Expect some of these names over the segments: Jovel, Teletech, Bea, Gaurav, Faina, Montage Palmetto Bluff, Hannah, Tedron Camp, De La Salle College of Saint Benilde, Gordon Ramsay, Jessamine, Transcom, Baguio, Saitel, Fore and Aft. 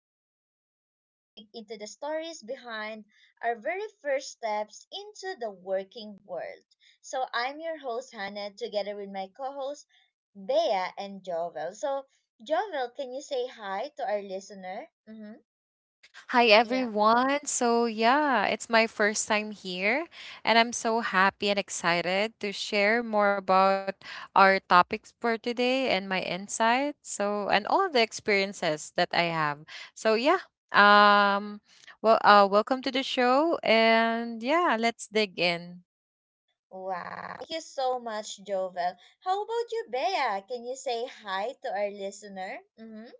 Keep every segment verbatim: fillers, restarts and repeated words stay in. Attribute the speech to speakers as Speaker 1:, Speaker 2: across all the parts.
Speaker 1: the show where we dig into the stories behind our very first steps into the working world. So, I'm your host, Hannah, together with my co hosts, Bea and Jovel. So, Jovel, can you say hi to our listener? Mm-hmm.
Speaker 2: Hi
Speaker 1: Yeah.
Speaker 2: everyone. So yeah, it's my first time here and I'm so happy and excited to share more about our topics for today and my insights. So and all the experiences that I have. So yeah. Um well uh Welcome to the show and yeah, let's dig in.
Speaker 1: Wow. Thank you so much, Jovel. How about you, Bea? Can you say hi to our listener? Mm-hmm.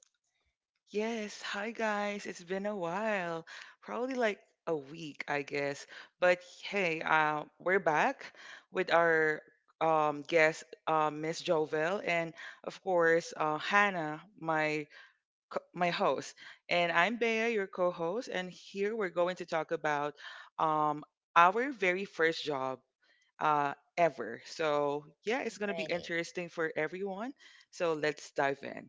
Speaker 3: Yes, hi guys. It's been a while. Probably like a week, I guess. But hey, uh, we're back with our um guest, uh, Miss Jovel, and of course, uh, Hannah, my co- my host. And I'm Bea, your co-host, and here we're going to talk about um our very first job uh ever. So, yeah, it's going to be
Speaker 1: Right.
Speaker 3: interesting for everyone. So, let's dive in.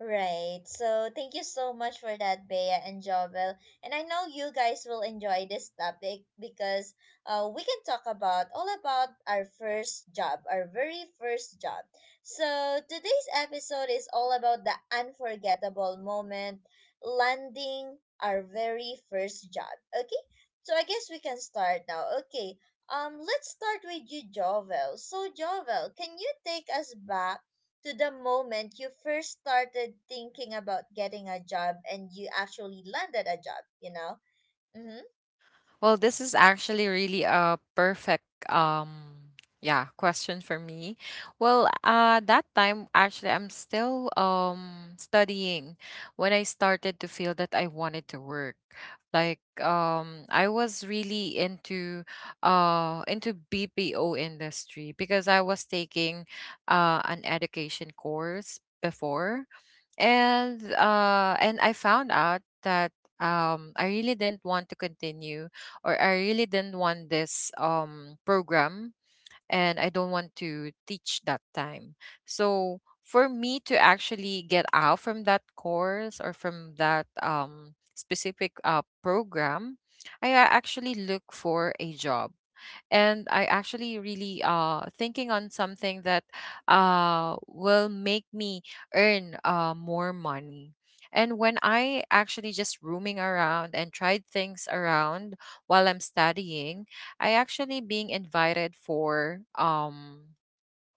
Speaker 1: Right. So thank you so much for that, Bea and Jovel. And I know you guys will enjoy this topic because uh, we can talk about all about our first job, our very first job. So today's episode is all about the unforgettable moment landing our very first job. Okay? So I guess we can start now. Okay. Um, let's start with you, Jovel. So Jovel, can you take us back to the moment you first started thinking about getting a job and you actually landed a job, you know? Mm-hmm.
Speaker 2: Well, this is actually really a perfect um yeah, question for me. Well, uh that time actually I'm still um studying when I started to feel that I wanted to work. Like um I was really into uh into B P O industry because I was taking uh an education course before and uh and I found out that um I really didn't want to continue or I really didn't want this um program and I don't want to teach that time, so for me to actually get out from that course or from that um specific uh program i a- actually look for a job and I actually really uh thinking on something that uh will make me earn uh more money. And when I actually just roaming around and tried things around while I'm studying, I actually being invited for um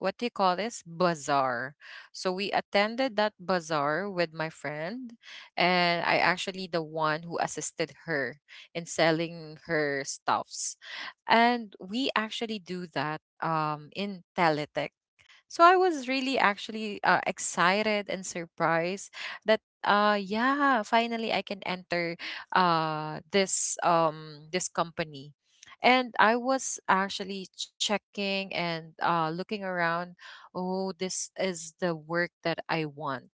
Speaker 2: what do you call this, bazaar. So we attended that bazaar with my friend and I actually the one who assisted her in selling her stuffs, and we actually do that um in teletext. So I was really actually uh, excited and surprised that uh yeah, finally I can enter uh this um this company. And I was actually checking and uh looking around, oh this is the work that I want.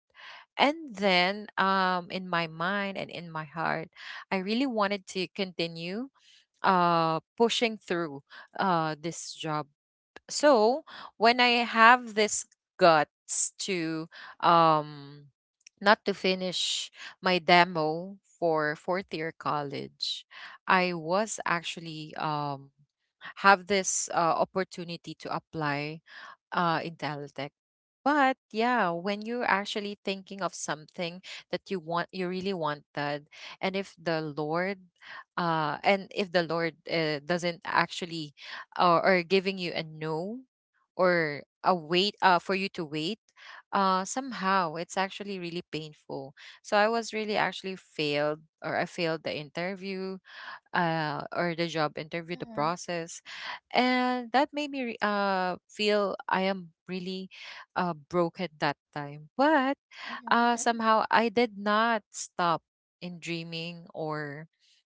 Speaker 2: And then um in my mind and in my heart, I really wanted to continue uh pushing through uh this job. So when I have this guts to um not to finish my demo for fourth year college, I was actually um have this uh, opportunity to apply uh in Teletech. But yeah, when you're actually thinking of something that you want, you really wanted, and if the Lord, uh, and if the Lord uh, doesn't actually, or, or giving you a no, or a wait, uh, for you to wait, uh, somehow it's actually really painful. So I was really actually failed, or I failed the interview, uh, or the job interview, the
Speaker 1: Mm-hmm.
Speaker 2: process, and that made me re- uh, feel I am really uh, broke at that time. But uh,
Speaker 1: Mm-hmm.
Speaker 2: somehow I did not stop in dreaming or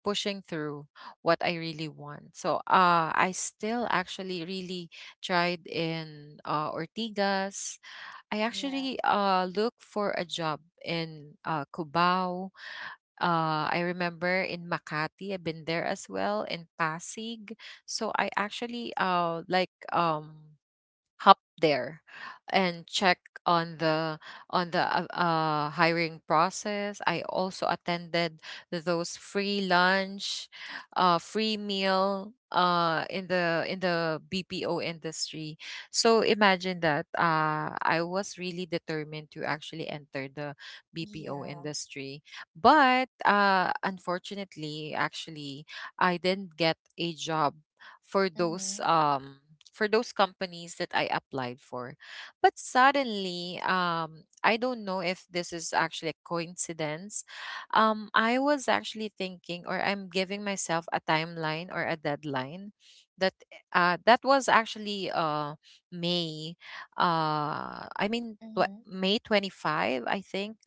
Speaker 2: pushing through what I really want. So uh, I still actually really tried in uh, Ortigas. I
Speaker 1: Yeah.
Speaker 2: actually uh, look for a job in uh, Cubao. uh, I remember, in Makati, I've been there as well, in Pasig. So I actually uh like um hop there and check on the on the uh, uh, hiring process. I also attended those free lunch, uh, free meal uh in the in the B P O industry. So imagine that uh I was really determined to actually enter the B P O
Speaker 1: Yeah.
Speaker 2: industry. But uh unfortunately actually I didn't get a job for those
Speaker 1: Mm-hmm.
Speaker 2: um for those companies that I applied for. But suddenly, um, I don't know if this is actually a coincidence. Um, I was actually thinking, or I'm giving myself a timeline or a deadline that uh, that was actually uh, May. Uh, I mean, tw-
Speaker 1: Mm-hmm.
Speaker 2: May twenty-fifth, I think.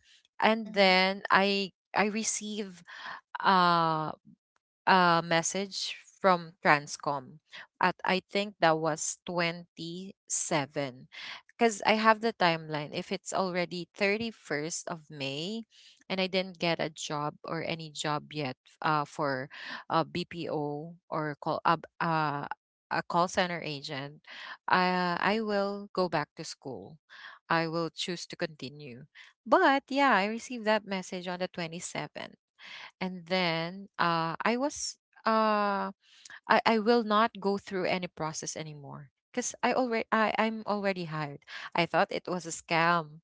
Speaker 2: And
Speaker 1: Mm-hmm.
Speaker 2: then I I receive uh uh, message from Transcom at, I think that was twenty-seven, because I have the timeline if it's already thirty-first of May and I didn't get a job or any job yet, uh, for a B P O or call uh, uh, a call center agent, uh, I will go back to school. I will choose to continue. But yeah, I received that message on the twenty-seventh, and then uh, I was uh, I I will not go through any process anymore because I already I I'm already hired. I thought it was a scam,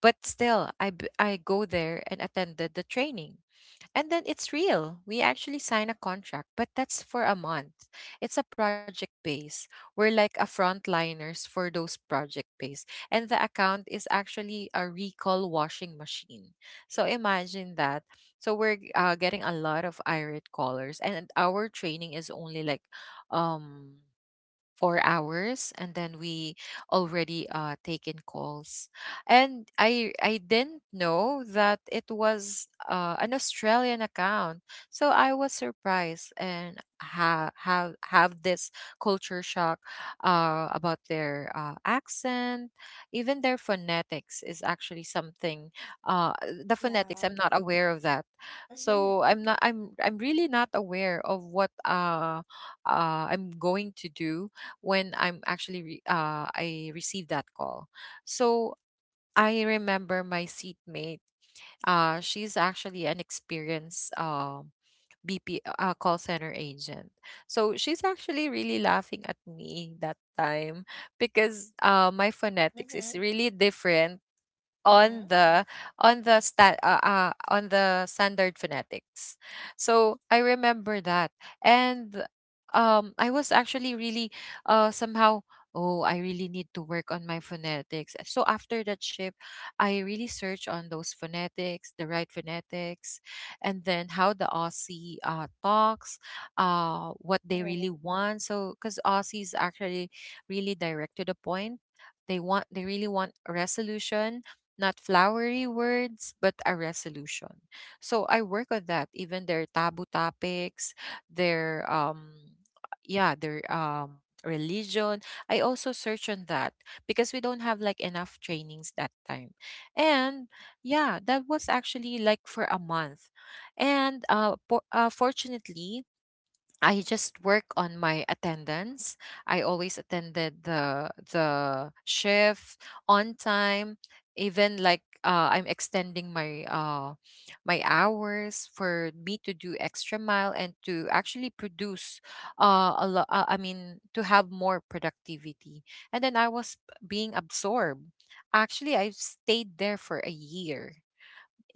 Speaker 2: but still I b- I go there and attended the training, and then it's real. We actually sign a contract, but that's for a month. It's a project base. We're like a frontliners for those project base. And the account is actually a recall washing machine. So imagine that. So we're uh, getting a lot of irate callers, and our training is only like um four hours and then we already uh take in calls. And i i didn't know that it was uh, an australian account, so I was surprised and have have have this culture shock uh about their uh, accent. Even their phonetics is actually something, uh the phonetics
Speaker 1: Yeah.
Speaker 2: I'm not aware of that. So i'm not i'm i'm really not aware of what uh uh I'm going to do when I'm actually re- uh, I received that call. So I remember my seatmate. Uh, she's actually an experienced um B P uh, call center agent. So she's actually really laughing at me that time because uh, my phonetics
Speaker 1: Mm-hmm.
Speaker 2: is really different on
Speaker 1: Mm-hmm.
Speaker 2: the on the sta- uh, uh, on the standard phonetics. So I remember that, and um, I was actually really uh somehow. Oh, I really need to work on my phonetics. So after that shift, I really search on those phonetics, the right phonetics, and then how the Aussie uh, talks, uh, what they really
Speaker 1: Right.
Speaker 2: want. So, because Aussies actually really direct to the point, they want they really want a resolution, not flowery words, but a resolution. So I work on that. Even their taboo topics, their um, yeah, their um religion. I also search on that because we don't have like enough trainings that time. And yeah, that was actually like for a month. And uh, po- uh fortunately, I just work on my attendance. I always attended the the shift on time, even like uh, I'm extending my uh, my hours for me to do extra mile and to actually produce uh, a lot. Uh, I mean, to have more productivity. And then I was being absorbed. Actually, I've stayed there for a year.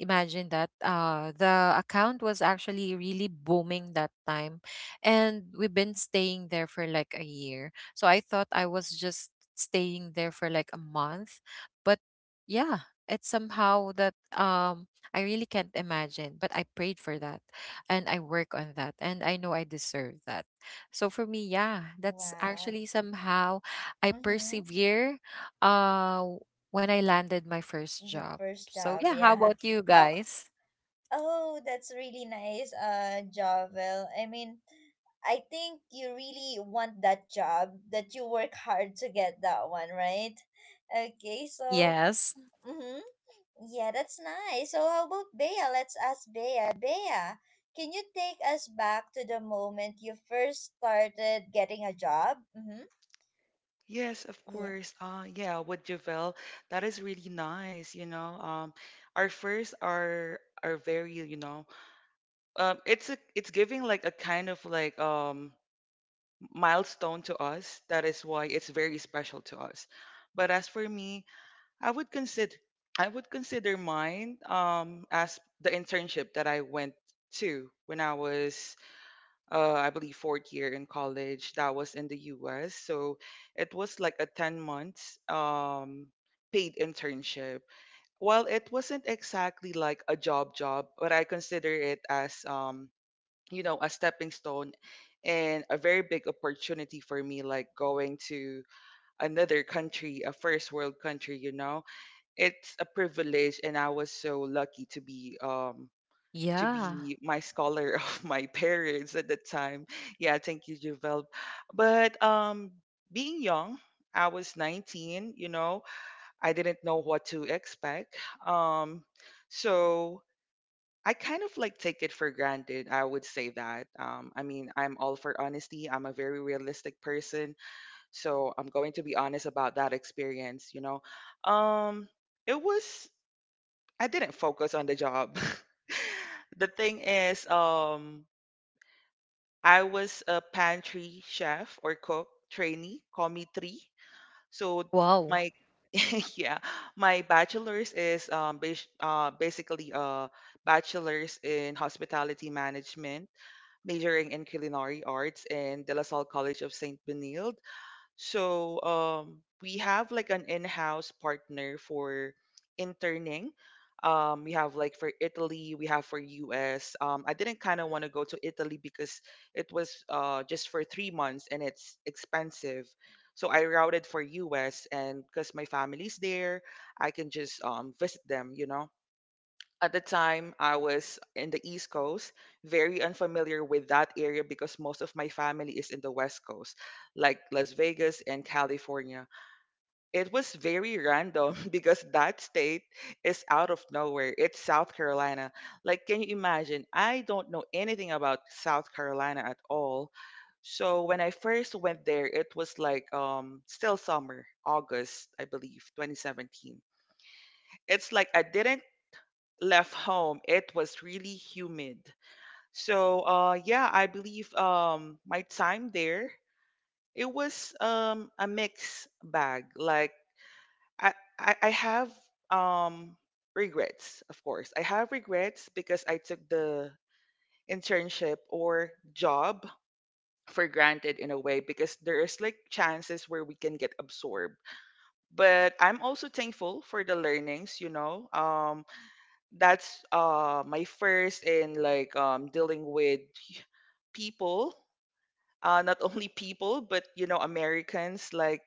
Speaker 2: Imagine that, uh the account was actually really booming that time, and we've been staying there for like a year, so I thought I was just staying there for like a month. But yeah, it's somehow that um I really can't imagine, but I prayed for that and I work on that and I know I deserve that. So for me, yeah, that's
Speaker 1: Wow.
Speaker 2: actually somehow I
Speaker 1: Mm-hmm.
Speaker 2: persevere uh when I landed my first
Speaker 1: The
Speaker 2: job.
Speaker 1: first
Speaker 2: So
Speaker 1: job,
Speaker 2: yeah, how
Speaker 1: yeah.
Speaker 2: about you
Speaker 1: How
Speaker 2: guys?
Speaker 1: Oh, that's really nice, uh, Jovel. I mean, I think you really want that job that you work hard to get that one, right? Okay, so
Speaker 2: Yes.
Speaker 1: mm-hmm. Yeah, that's nice. So how about Bea? Let's ask Bea. Bea, can you take us back to the moment you first started getting a job? Mm-hmm.
Speaker 3: Yes, of
Speaker 1: Yeah.
Speaker 3: course. Uh, yeah, with Javel, that is really nice, you know. Um, our first are are very, you know, um, it's a it's giving like a kind of like um milestone to us. That is why it's very special to us. But as for me, I would consider I would consider mine um as the internship that I went to when I was, uh, I believe, fourth year in college, that was in the U S. So it was like a ten months um, paid internship. Well, it wasn't exactly like a job job, but I consider it as, um, you know, a stepping stone and a very big opportunity for me, like going to another country, a first world country, you know. It's a privilege, and I was so lucky to be, um, to
Speaker 2: Yeah.
Speaker 3: be my scholar of my parents at the time. Yeah, thank you, Javel. But um, being young, I was nineteen, you know. I didn't know what to expect. Um, so I kind of like take it for granted. I would say that. Um, I mean, I'm all for honesty. I'm a very realistic person. So I'm going to be honest about that experience, you know. Um, it was, I didn't focus on the job. The thing is, um, I was a pantry chef or cook trainee, call me three. So
Speaker 2: Wow.
Speaker 3: my yeah, my bachelor's is um bas- uh, basically a bachelor's in hospitality management, majoring in culinary arts in De La Salle College of Saint Benilde. So um, we have like an in-house partner for interning. Um, we have like for Italy, we have for U S. Um, I didn't kind of want to go to Italy because it was, uh, just for three months and it's expensive. So I routed for U S, and because my family's there, I can just um, visit them. You know, at the time I was in the East Coast, very unfamiliar with that area because most of my family is in the West Coast, like Las Vegas and California. It was very random because that state is out of nowhere. It's South Carolina. Like, can you imagine? I don't know anything about South Carolina at all. So when I first went there, it was like um still summer, August, I believe, twenty seventeen. It's like I didn't left home. It was really humid. So, uh, yeah, I believe, um, my time there, it was, um, a mixed bag. Like, I, I, I have, um, regrets, of course. I have regrets because I took the internship or job for granted in a way, because there is like chances where we can get absorbed, but I'm also thankful for the learnings, you know. Um that's uh my first in like um dealing with people, uh not only people, but you know, Americans, like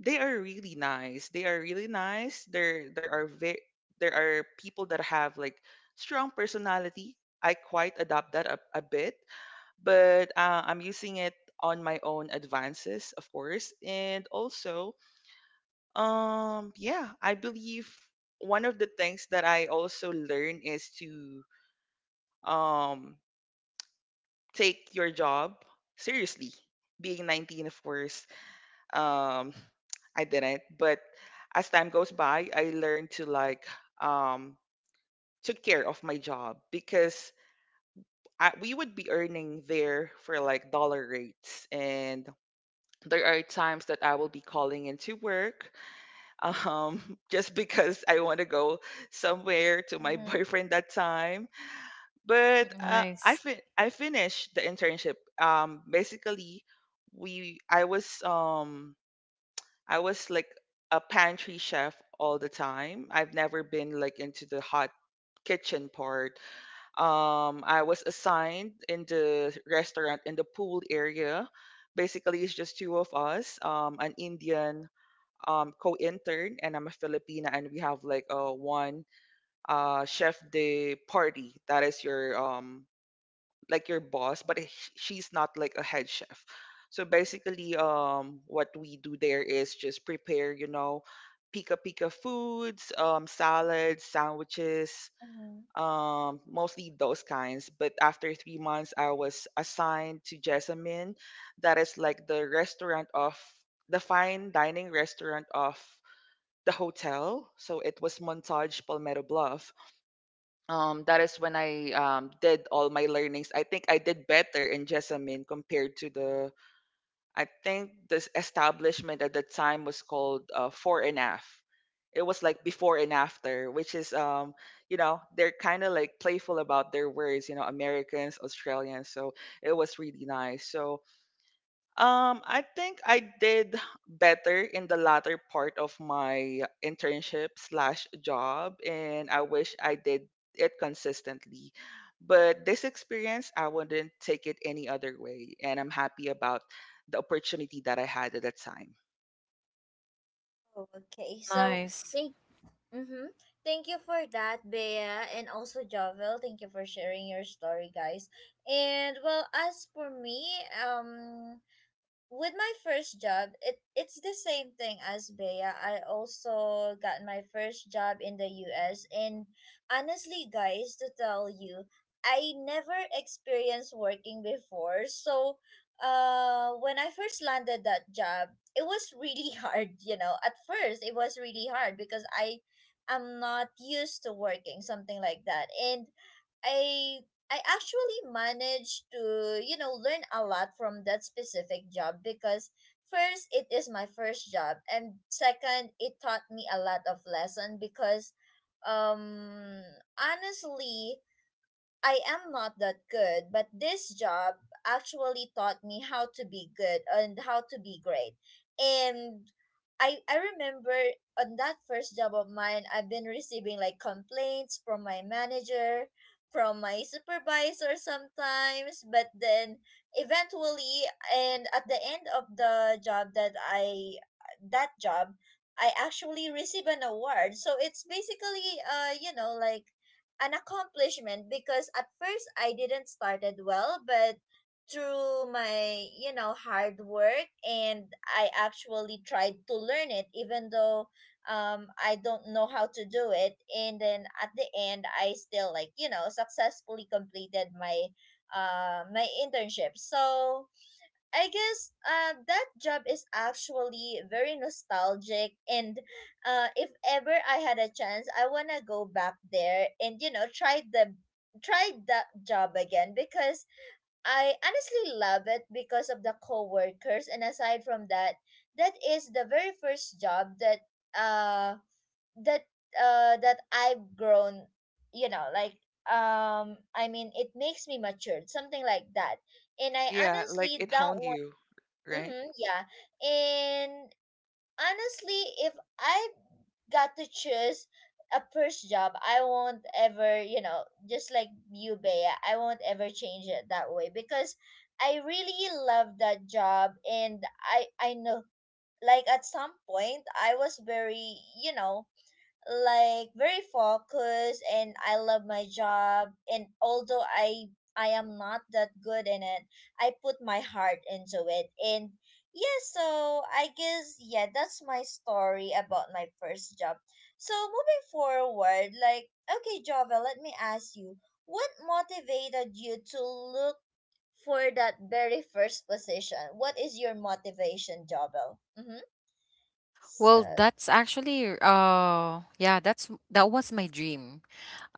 Speaker 3: they are really nice. They are really nice there there are ve- there are people that have like strong personality. I quite adopt that a, a bit, but uh, I'm using it on my own advances, of course. And also, um yeah, I believe one of the things that I also learn is to um take your job seriously. Being nineteen, of course, um I didn't, but as time goes by, I learned to like um took care of my job, because I, we would be earning there for like dollar rates. And there are times that I will be calling into work um just because I want to go somewhere to my
Speaker 1: Mm-hmm.
Speaker 3: boyfriend that time. But uh, I
Speaker 2: Nice.
Speaker 3: fin- I finished the internship. Um, basically, we I was, um I was like a pantry chef all the time. I've never been like into the hot kitchen part. Um, I was assigned in the restaurant in the pool area. Basically, it's just two of us. Um, an Indian um co-intern and I'm a Filipina, and we have like a one uh chef de party. That is your um like your boss, but sh- she's not like a head chef. So basically, um, what we do there is just prepare, you know, pika pika foods, um, salads, sandwiches,
Speaker 1: Mm-hmm.
Speaker 3: um, mostly those kinds. But after three months, I was assigned to Jessamine, that is like the restaurant of the fine dining restaurant of the hotel. So it was Montage Palmetto Bluff. Um, that is when I um, did all my learnings. I think I did better in Jessamine compared to the, I think this establishment at the time was called, uh, Fore and Aft. It was like before and after, which is, um, you know, they're kind of like playful about their words, you know, Americans, Australians. So it was really nice. So um, I think I did better in the latter part of my internship slash job, and I wish I did it consistently. But this experience, I wouldn't take it any other way, and I'm happy about the opportunity that I had at that time.
Speaker 1: Okay, so
Speaker 2: Nice.
Speaker 1: thank Mm-hmm. Thank you for that, Bea, and also Jovel. Thank you for sharing your story, guys. And well, as for me, um, with my first job, it it's the same thing as Bea. I also got my first job in the U S and honestly guys to tell you, I never experienced working before. So uh when I first landed that job, it was really hard, you know. At first it was really hard because I am not used to working, something like that. And I I actually managed to, you know, learn a lot from that specific job because first, it is my first job, and second, it taught me a lot of lesson because, um, honestly, I am not that good, but this job actually taught me how to be good and how to be great. And I I remember on that first job of mine, I've been receiving like complaints from my manager, from my supervisor sometimes, but then eventually and at the end of the job that I that job, I actually receive an award. So it's basically uh you know like an accomplishment because at first I didn't started well, but through my you know hard work and I actually tried to learn it even though um I don't know how to do it and then at the end I still like you know successfully completed my uh my internship. So I guess uh, that job is actually very nostalgic, and uh, if ever I had a chance, I wanna go back there and you know try the try that job again because I honestly love it because of the coworkers, and aside from that, that is the very first job that uh that uh that I've grown, you know, like um I mean it makes me matured, something like that and I
Speaker 3: Yeah, like
Speaker 1: honestly
Speaker 3: it honed
Speaker 1: don't
Speaker 3: you, right?
Speaker 1: Mm-hmm, yeah. And honestly, if I got to choose a first job, I won't ever, you know, just like you, Bea, I won't ever change it that way because I really love that job and I I know like at some point I was very, you know, like very focused and I love my job and although I I am not that good in it, I put my heart into it. And yeah, so I guess yeah, that's my story about my first job. So moving forward, like okay, Jova, let me ask you, what motivated you to look for that very first position? What is your motivation, Jobel? Mm-hmm. So,
Speaker 2: Well, that's actually uh yeah, that's that was my dream.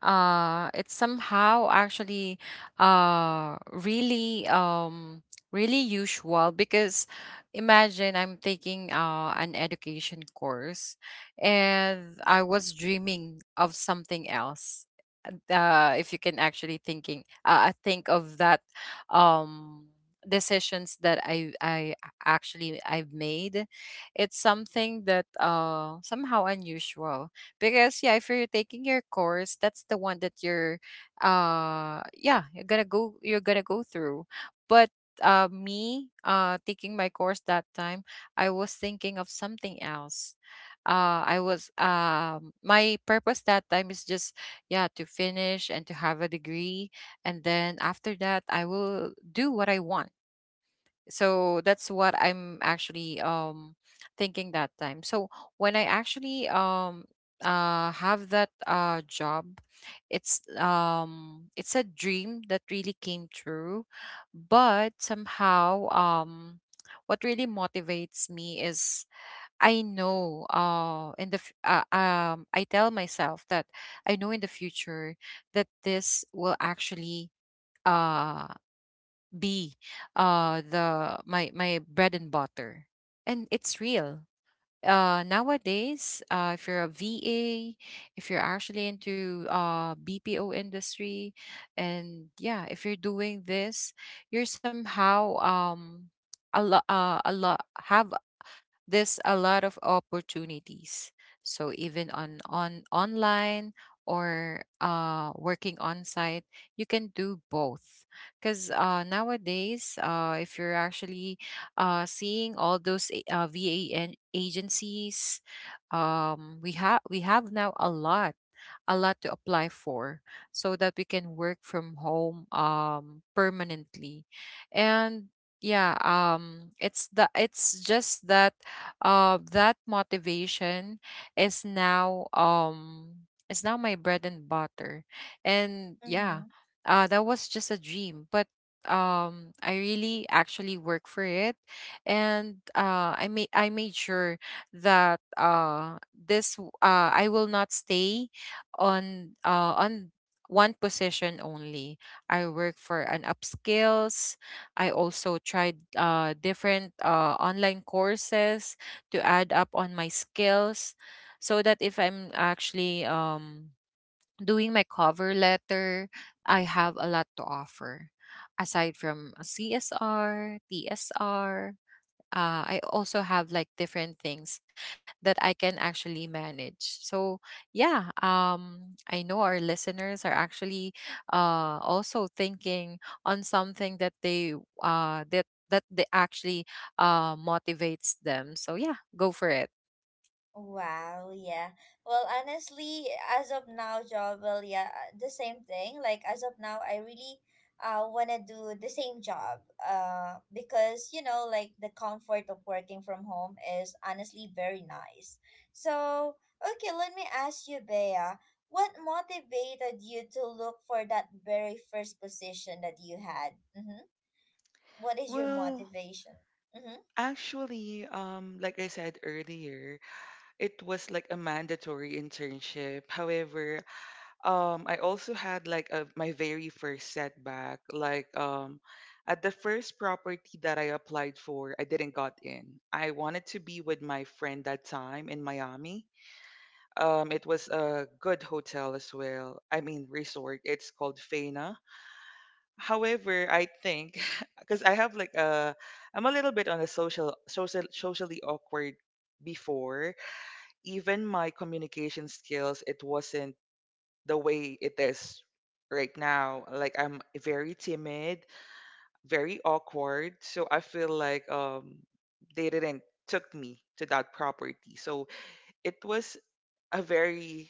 Speaker 2: Uh, it's somehow actually uh really um really usual because imagine I'm taking uh an education course and I was dreaming of something else. Could uh if you can actually thinking uh, uh, think of that um decisions that I I actually I've made, it's something that uh somehow unusual, because yeah, if you're taking your course, that's the one that you're uh yeah, you're gonna go you're gonna go through. But uh me uh taking my course that time, I was thinking of something else. uh I was um my purpose that time is just yeah, to finish and to have a degree, and then after that I will do what I want. So that's what I'm actually um thinking that time. So when I actually um uh have that uh job, it's um it's a dream that really came true. But somehow, um what really motivates me is, I know uh in the f- uh, um I tell myself that I know in the future that this will actually uh be uh the my my bread and butter. And it's real. Uh, nowadays, uh if you're a V A, if you're actually into uh B P O industry, and yeah, if you're doing this, you're somehow um a lot uh, a lot have there's a lot of opportunities. So even on on online or uh, working on site, you can do both. Because uh, nowadays, uh, if you're actually uh, seeing all those a- uh, V A agencies, um, we have we have now a lot a lot to apply for, so that we can work from home um permanently. And yeah, um it's the, it's just that uh that motivation is now um is now my bread and butter. And yeah,
Speaker 1: mm-hmm.
Speaker 2: uh that was just a dream, but um I really actually work for it. And uh i made I made sure that uh this w- uh I will not stay on uh, on one position only. I work for an upskills. I also tried uh, different uh, online courses to add up on my skills, so that if I'm actually um, doing my cover letter, I have a lot to offer aside from C S R, T S R, uh, I also have like different things that I can actually manage. So yeah, um, I know our listeners are actually uh, also thinking on something that they uh, that that they actually uh, motivates them. So yeah, go for it.
Speaker 1: Wow, yeah. Well, honestly, as of now, job, well, yeah, uh, the same thing. Like as of now, I really uh want to do the same job. Uh because, you know, like the comfort of working from home is honestly very nice. So, okay, let me ask you, Bea, what motivated you to look for that very first position that you had? Mm-hmm. What is your
Speaker 3: Well,
Speaker 1: motivation? Mm-hmm.
Speaker 3: actually, um, like I said earlier, it was like a mandatory internship. However, um, I also had like a, my very first setback. Like, um, at the first property that I applied for, I didn't got in. I wanted to be with my friend that time in Miami. Um, it was a good hotel as well. I mean, resort. It's called Faina. However, I think because I have like a, I'm a little bit on a social social socially awkward before. Even my communication skills, it wasn't the way it is right now. Like I'm very timid, very awkward. So I feel like um they didn't took me to that property. So it was a very,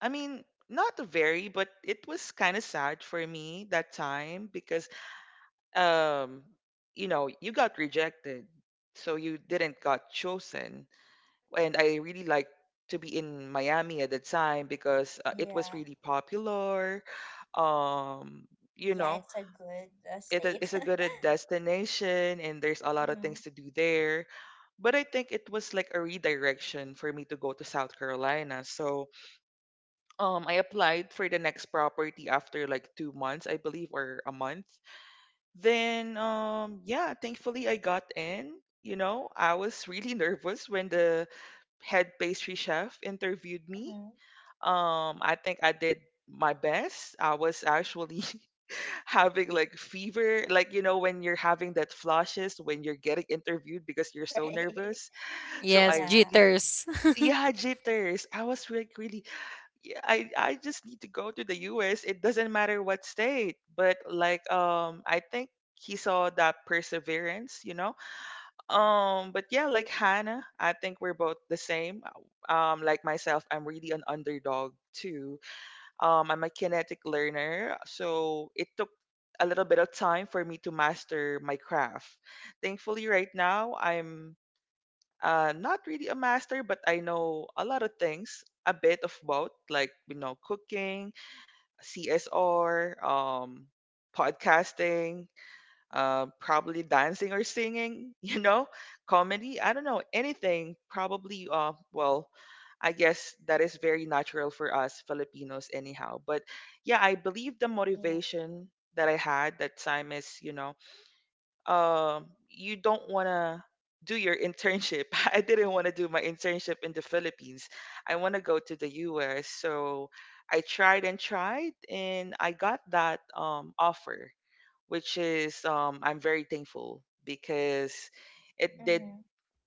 Speaker 3: I mean, not very, but it was kind of sad for me that time, because um you know, you got rejected, so you didn't got chosen. And I really like to be in Miami at the time, because uh, it was
Speaker 1: Yeah.
Speaker 3: really popular. um you
Speaker 1: Yeah,
Speaker 3: know,
Speaker 1: it's a good uh,
Speaker 3: it is,
Speaker 1: state.
Speaker 3: it's a good, uh, destination, and there's a lot of things to do there. But I think it was like a redirection for me to go to South Carolina. So um I applied for the next property after like two months, I believe, or a month. Then um yeah, thankfully I got in. You know, I was really nervous when the head pastry chef interviewed me.
Speaker 1: Mm-hmm.
Speaker 3: Um I think I did my best. I was actually having like fever, like you know when you're having that flushes when you're getting interviewed because you're so
Speaker 1: Right.
Speaker 3: nervous. So
Speaker 2: Yes,
Speaker 3: I
Speaker 1: Yeah.
Speaker 3: really
Speaker 2: jitters.
Speaker 3: Yeah, jitters. I was like really, yeah, I I just need to go to the U S. It doesn't matter what state. But like um I think he saw that perseverance, you know. Um but yeah, like Hannah, I think we're both the same. Uh, Um like myself, I'm really an underdog too. Um I'm a kinetic learner, so it took a little bit of time for me to master my craft. Thankfully right now I'm, uh not really a master, but I know a lot of things, a bit of both, like you know, cooking, C S R, um, podcasting, uh, probably dancing or singing, you know, comedy. I don't know, anything. Probably, uh, well, I guess that is very natural for us Filipinos, anyhow. But yeah, I believe the
Speaker 1: Yeah.
Speaker 3: motivation that I had that time is, you know, um, you don't want to do your internship. I didn't want to do my internship in the Philippines. I want to go to the U S. So I tried and tried, and I got that um, offer, which is, um, I'm very thankful because it did
Speaker 1: Mm-hmm.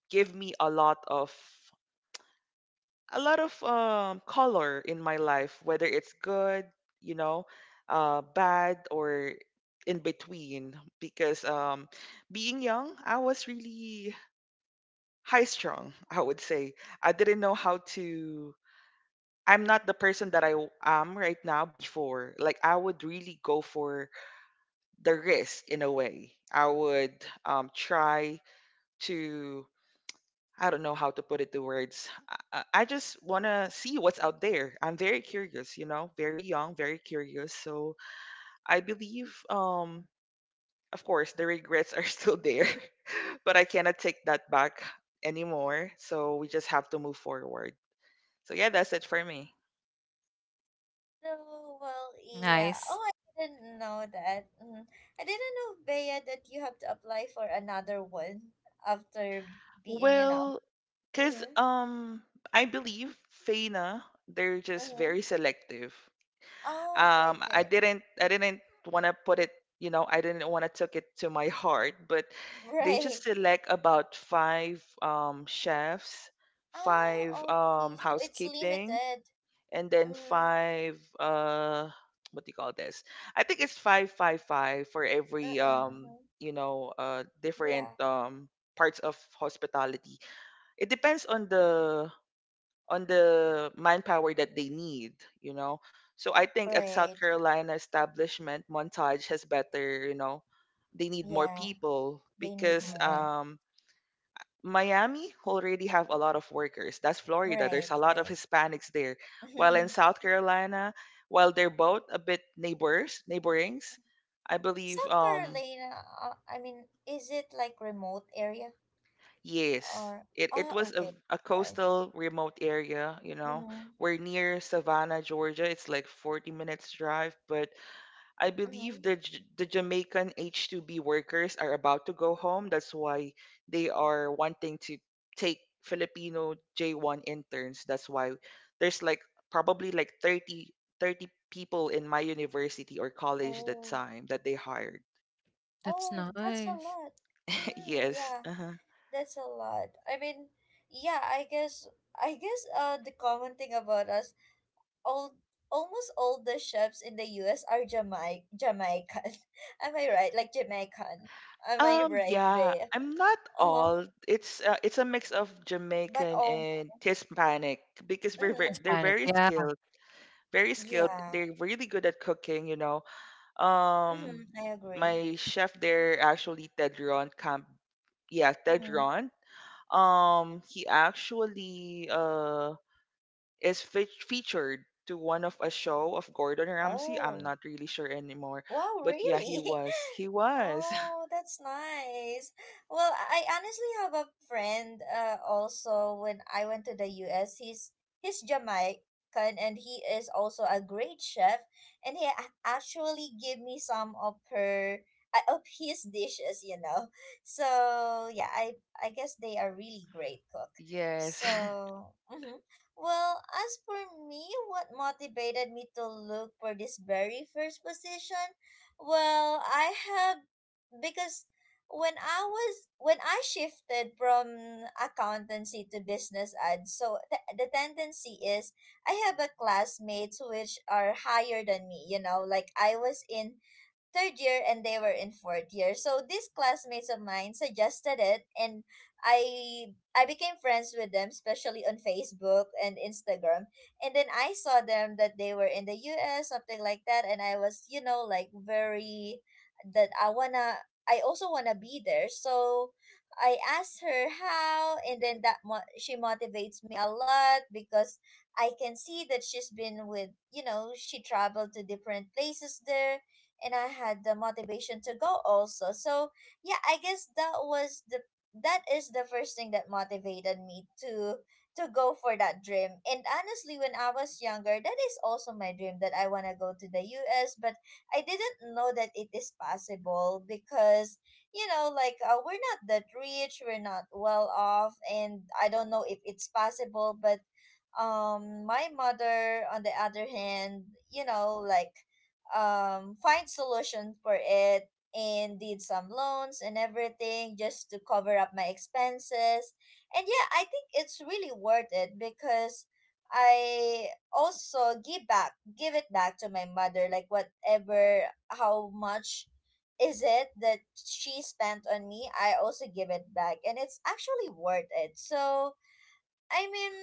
Speaker 3: give me a lot of a lot of um, color in my life, whether it's good, you know, uh, bad, or in between. Because um, being young, I was really high strung, I would say. I didn't know how to. I'm not the person that I w- am right now before. Like, I would really go for the risk in a way. I would, um, try to, I don't know how to put it to words. I, I I just want to see what's out there. I'm very curious, you know, very young, very curious. So I believe, um, of course, the regrets are still there, but I cannot take that back anymore. So we just have to move forward. So yeah, that's it for me.
Speaker 1: So, well, yeah.
Speaker 2: Nice.
Speaker 1: Oh, I didn't know that. Mm. I didn't know, Bea, that you have to apply for another one after being enough.
Speaker 3: Well, because
Speaker 1: Mm-hmm.
Speaker 3: um, I believe Faina, they're just
Speaker 1: Mm-hmm.
Speaker 3: very selective.
Speaker 1: Oh, okay,
Speaker 3: um i
Speaker 1: okay.
Speaker 3: didn't i didn't want to put it, you know I didn't want to took it to my heart, but they
Speaker 1: Right.
Speaker 3: just select about five um chefs,
Speaker 1: Ah,
Speaker 3: five um
Speaker 1: okay. So it's
Speaker 3: housekeeping,
Speaker 1: limited.
Speaker 3: and then
Speaker 1: Mm.
Speaker 3: five uh what do you call this, I think it's five five five for
Speaker 1: Mm-mm.
Speaker 3: every um
Speaker 1: Mm-hmm.
Speaker 3: you know uh different
Speaker 1: Yeah.
Speaker 3: um parts of hospitality. It depends on the on the manpower that they need, you know. So I think at South
Speaker 1: Right.
Speaker 3: Carolina establishment, Montage has better, you know, they need more
Speaker 1: Yeah.
Speaker 3: people
Speaker 1: They need
Speaker 3: because
Speaker 2: Hmm.
Speaker 1: more.
Speaker 3: um Miami already have a lot of workers. That's Florida. There's
Speaker 1: Right,
Speaker 3: a lot of
Speaker 1: right.
Speaker 3: Hispanics there. While in South Carolina, while they're both a bit neighbors, neighborings, I believe
Speaker 1: South
Speaker 3: um
Speaker 1: Carolina, uh, I mean, is it like remote area
Speaker 3: yes.
Speaker 1: or
Speaker 3: It it
Speaker 1: ah
Speaker 3: was
Speaker 1: okay,
Speaker 3: a, a
Speaker 1: why?
Speaker 3: coastal remote area, you know.
Speaker 1: Mm-hmm.
Speaker 3: We're near Savannah, Georgia. It's like forty minutes drive, but I
Speaker 1: Mm-hmm.
Speaker 3: believe the J- the Jamaican H two B workers are about to go home. That's why they are wanting to take Filipino J one interns. That's why there's like probably like thirty thirty people in my university or college that
Speaker 1: Oh,
Speaker 3: time that they hired.
Speaker 2: That's
Speaker 1: oh, that's a
Speaker 2: nice.
Speaker 1: lot. Mm, yeah,
Speaker 3: Yes. Uh-huh.
Speaker 1: that's a lot. I mean, yeah, I guess I guess uh the common thing about us all almost all the chefs in the U S are Jamaic Jamaican. Am I right? Like Jamaican. Am I
Speaker 3: Um,
Speaker 1: right,
Speaker 3: yeah,
Speaker 1: Bea?
Speaker 3: I'm not
Speaker 1: Uh-huh.
Speaker 3: all. It's uh, it's a mix of
Speaker 1: But
Speaker 3: Jamaican
Speaker 1: all
Speaker 3: and Hispanic because we're very,
Speaker 1: Mm-hmm.
Speaker 3: they're
Speaker 2: Hispanic.
Speaker 3: very
Speaker 2: Yeah.
Speaker 3: skilled, very skilled.
Speaker 1: Yeah.
Speaker 3: They're really good at cooking, you know. Um,
Speaker 1: Mm-hmm. I agree.
Speaker 3: my chef there actually Tedron Camp, yeah,
Speaker 1: Mm-hmm.
Speaker 3: Tedron. Um, he actually uh is fe featured to one of a show of Gordon Ramsay. I'm
Speaker 1: Oh,
Speaker 3: not really sure anymore,
Speaker 1: wow,
Speaker 3: but yeah, he
Speaker 1: really?
Speaker 3: was. He was.
Speaker 1: Oh, that's nice. Well, I honestly have a friend uh also when I went to the U S, he's he's Jamaican and he is also a great chef and he a- actually gave me some of her uh, of his dishes, you know. So, yeah, I I guess they are really great cook.
Speaker 3: Yes.
Speaker 1: So, mhm. well, as for me, what motivated me to look for this very first position? Well, I have because when I was when I shifted from accountancy to business ads, so th- the tendency is I have a classmates which are higher than me. You know, like I was in third year and they were in fourth year. So these classmates of mine suggested it and I I became friends with them, especially on Facebook and Instagram. And then I saw them that they were in the U S, something like that, and I was, you know, like very that I wanna I also wanna be there. So I asked her how, and then that mo- she motivates me a lot because I can see that she's been with, you know, she traveled to different places there and I had the motivation to go also. So yeah, I guess that was the that is the first thing that motivated me to to go for that dream. And honestly, when I was younger, that is also my dream that I want to go to the U S, but I didn't know that it is possible because you know, like uh, we're not that rich, we're not well off, and I don't know if it's possible, but um my mother on the other hand you know like um find solution for it and did some loans and everything just to cover up my expenses and yeah I think it's really worth it because I also give back give it back to my mother like whatever how much is it that she spent on me I also give it back and it's actually worth it so I mean,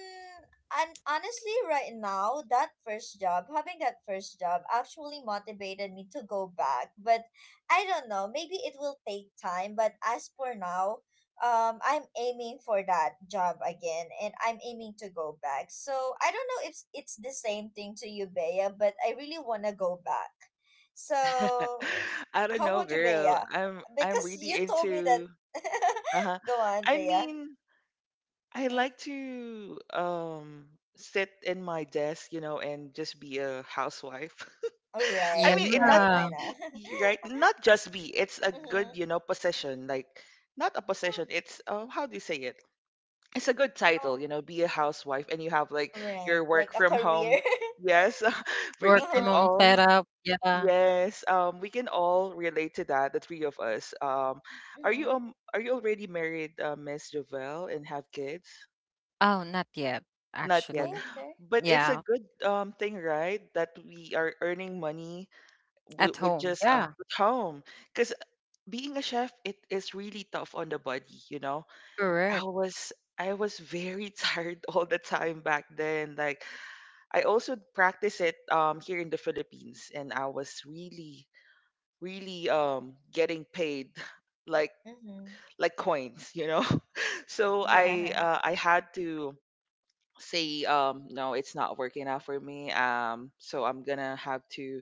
Speaker 1: and honestly, right now, that first job, having that first job, actually motivated me to go back. But I don't know. Maybe it will take time. But as for now, um, I'm aiming for that job again, and I'm aiming to go back. So I don't know if it's the same thing to you, Bea, but I really wanna go back. So
Speaker 3: I don't
Speaker 1: how
Speaker 3: know,
Speaker 1: about you, Bea?
Speaker 3: girl. I'm I'm
Speaker 1: Because
Speaker 3: really
Speaker 1: you told me that.
Speaker 3: into. Uh-huh.
Speaker 1: go on,
Speaker 3: I
Speaker 1: Bea.
Speaker 3: mean, I
Speaker 1: Mm-hmm.
Speaker 3: like to um sit in my desk, you know, and just be a housewife. I
Speaker 2: Yeah.
Speaker 1: Right,
Speaker 3: mean, in not
Speaker 1: right. I know.
Speaker 3: y- right, not just be. It's a good,
Speaker 1: mm-hmm.
Speaker 3: you know, position. Like not a
Speaker 1: Yeah.
Speaker 3: position. It's uh, how do you say it? It's a good title, you know, be a housewife, and you have like
Speaker 1: Um, right.
Speaker 3: your
Speaker 1: Like
Speaker 3: work
Speaker 1: a
Speaker 3: from
Speaker 1: career.
Speaker 3: home. Yes,
Speaker 2: Work
Speaker 3: we
Speaker 2: from
Speaker 3: we
Speaker 2: home
Speaker 3: can
Speaker 1: uh-huh.
Speaker 3: all.
Speaker 2: setup. Yeah.
Speaker 3: Yes, um, we can all relate to that, the three of us. Um, are you
Speaker 1: Mm-hmm.
Speaker 3: um are you already married, uh, Miss Jovel, and have kids?
Speaker 2: Oh, not yet,
Speaker 3: Not yet,
Speaker 2: actually.
Speaker 1: Okay.
Speaker 3: but it's a
Speaker 2: Yeah.
Speaker 3: good um thing, right? That we are earning money w
Speaker 2: At
Speaker 3: with
Speaker 2: home,
Speaker 3: just uh,
Speaker 2: yeah,
Speaker 3: with home, because being a chef, it is really tough on the body, you know. I
Speaker 2: correct.
Speaker 3: was I was very tired all the time back then. Like I also practice it um here in the Philippines, and I was really really um getting paid like
Speaker 1: Mm-hmm.
Speaker 3: like coins, you know. so i
Speaker 1: Yeah.
Speaker 3: uh, i had to say um no, it's not working out for me, um so I'm gonna have to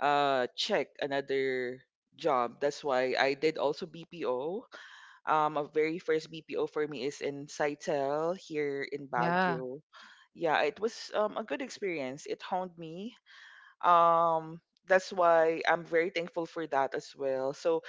Speaker 3: uh check another job. That's why I did also B P O. Um a very first B P O for me is in Saitel here in
Speaker 2: Yeah,
Speaker 3: Baguio. Yeah, it was um, a good experience. It honed me, um that's why I'm very thankful for that as well. So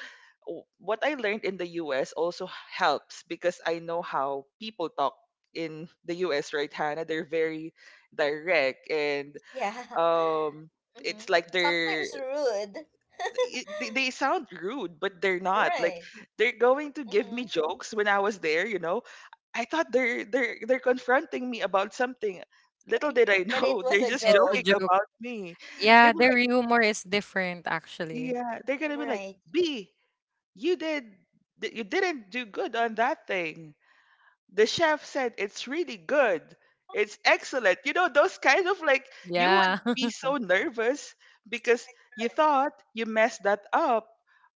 Speaker 3: w- what I learned in the U S also helps because I know how people talk in the U S, right, Hannah? They're very direct and
Speaker 1: Yeah.
Speaker 3: um
Speaker 1: Mm-hmm.
Speaker 3: it's like they're
Speaker 1: Sometimes rude.
Speaker 3: i- they they sound rude, but they're not like.
Speaker 1: Right.
Speaker 3: They're going to give me
Speaker 1: Mm-hmm.
Speaker 3: jokes when I was there, you know. I thought they're they're they're confronting me about something. Little did I
Speaker 1: But it
Speaker 3: know,
Speaker 1: was
Speaker 3: they're
Speaker 1: a
Speaker 3: just
Speaker 2: it's a
Speaker 3: joking
Speaker 1: joke.
Speaker 2: joke.
Speaker 3: about me. They
Speaker 2: Yeah,
Speaker 3: were
Speaker 2: their
Speaker 3: like,
Speaker 1: Mm,
Speaker 2: humor is different actually.
Speaker 3: yeah, they're gonna be like,
Speaker 1: Right.
Speaker 3: b you did th- you didn't do good on that thing. The chef said it's really good. It's excellent. You know, those kind of like you would
Speaker 2: Yeah.
Speaker 3: be so nervous because you
Speaker 1: Right.
Speaker 3: thought you messed that up,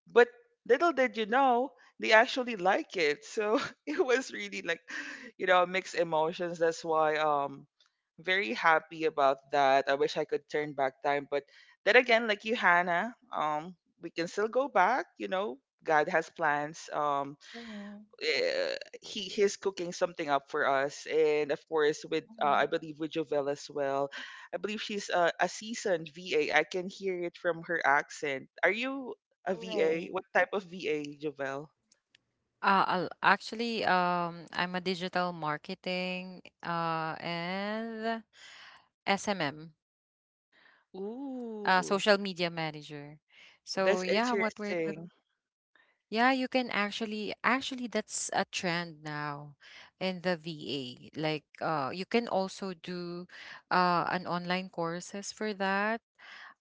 Speaker 3: but little did you know, they actually like it. So, it was really like, you know, mixed emotions. That's why um very happy about that. I wish I could turn back time, but then again, like you, Hannah, um, we can still go back. You know, God has plans. Um,
Speaker 1: Mm-hmm.
Speaker 3: eh, he he's cooking something up for us and of course with, uh,
Speaker 1: Mm-hmm.
Speaker 3: I believe, with Jovel as well. I believe she's a, a seasoned V A. I can hear it from her accent. Are you a V A?
Speaker 1: Right.
Speaker 3: What type of V A, Jovel?
Speaker 2: Uh, I'll- actually, um, I'm a digital marketing uh, and S M M, uh,
Speaker 3: Ooh,
Speaker 2: social media manager. So
Speaker 3: that's
Speaker 2: yeah, what we're
Speaker 3: interesting.
Speaker 2: doing. Yeah, you can actually actually that's a trend now in the V A. Like uh you can also do uh an online courses for that.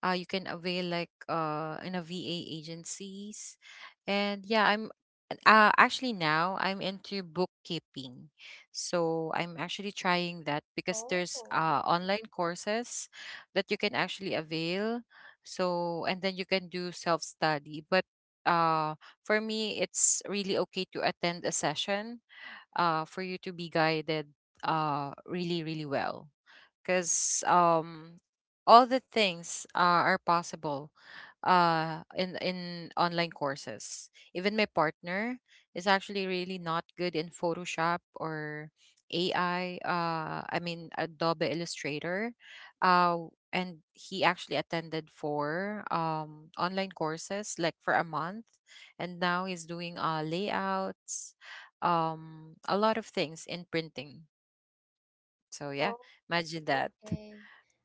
Speaker 2: Uh, you can avail like uh in a V A agencies. And yeah, I'm uh actually now I'm into bookkeeping. So I'm actually trying that because there's
Speaker 1: Oh.
Speaker 2: uh online courses that you can actually avail. So and then you can do self-study. But uh for me, it's really okay to attend a session, uh, for you to be guided, uh, really, really well, because um all the things are, are possible uh in in online courses. Even my partner is actually really not good in photoshop or AI, uh I mean adobe illustrator, uh and he actually attended for um online courses like for a month, and now he's doing uh layouts, um a lot of things in printing. So yeah,
Speaker 1: mhm.
Speaker 2: imagine that.
Speaker 1: Okay.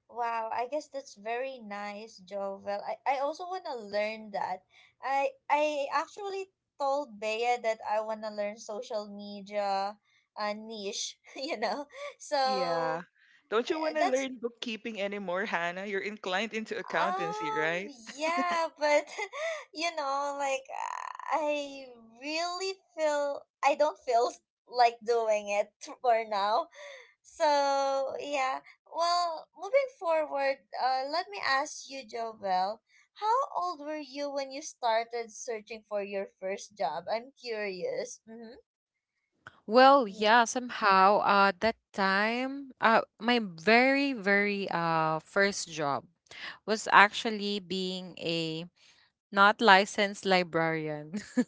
Speaker 1: Wow, I guess that's very nice, Jovel. I, I also want to learn that. I I actually told Bea that I want to learn social media uh, niche, you know. So
Speaker 3: Yeah, don't you
Speaker 1: uh,
Speaker 3: want to
Speaker 1: that's
Speaker 3: learn bookkeeping anymore, Hannah? You're inclined into accountancy,
Speaker 1: um
Speaker 3: right?
Speaker 1: yeah, but you know, like I really feel I don't feel like doing it for now So yeah, well, moving forward, uh, let me ask you, Jovel, how old were you when you started searching for your first job? I'm curious. Mm-hmm.
Speaker 2: Well,
Speaker 1: Yeah.
Speaker 2: yeah, somehow uh that time uh my very very uh first job was actually being a not licensed librarian.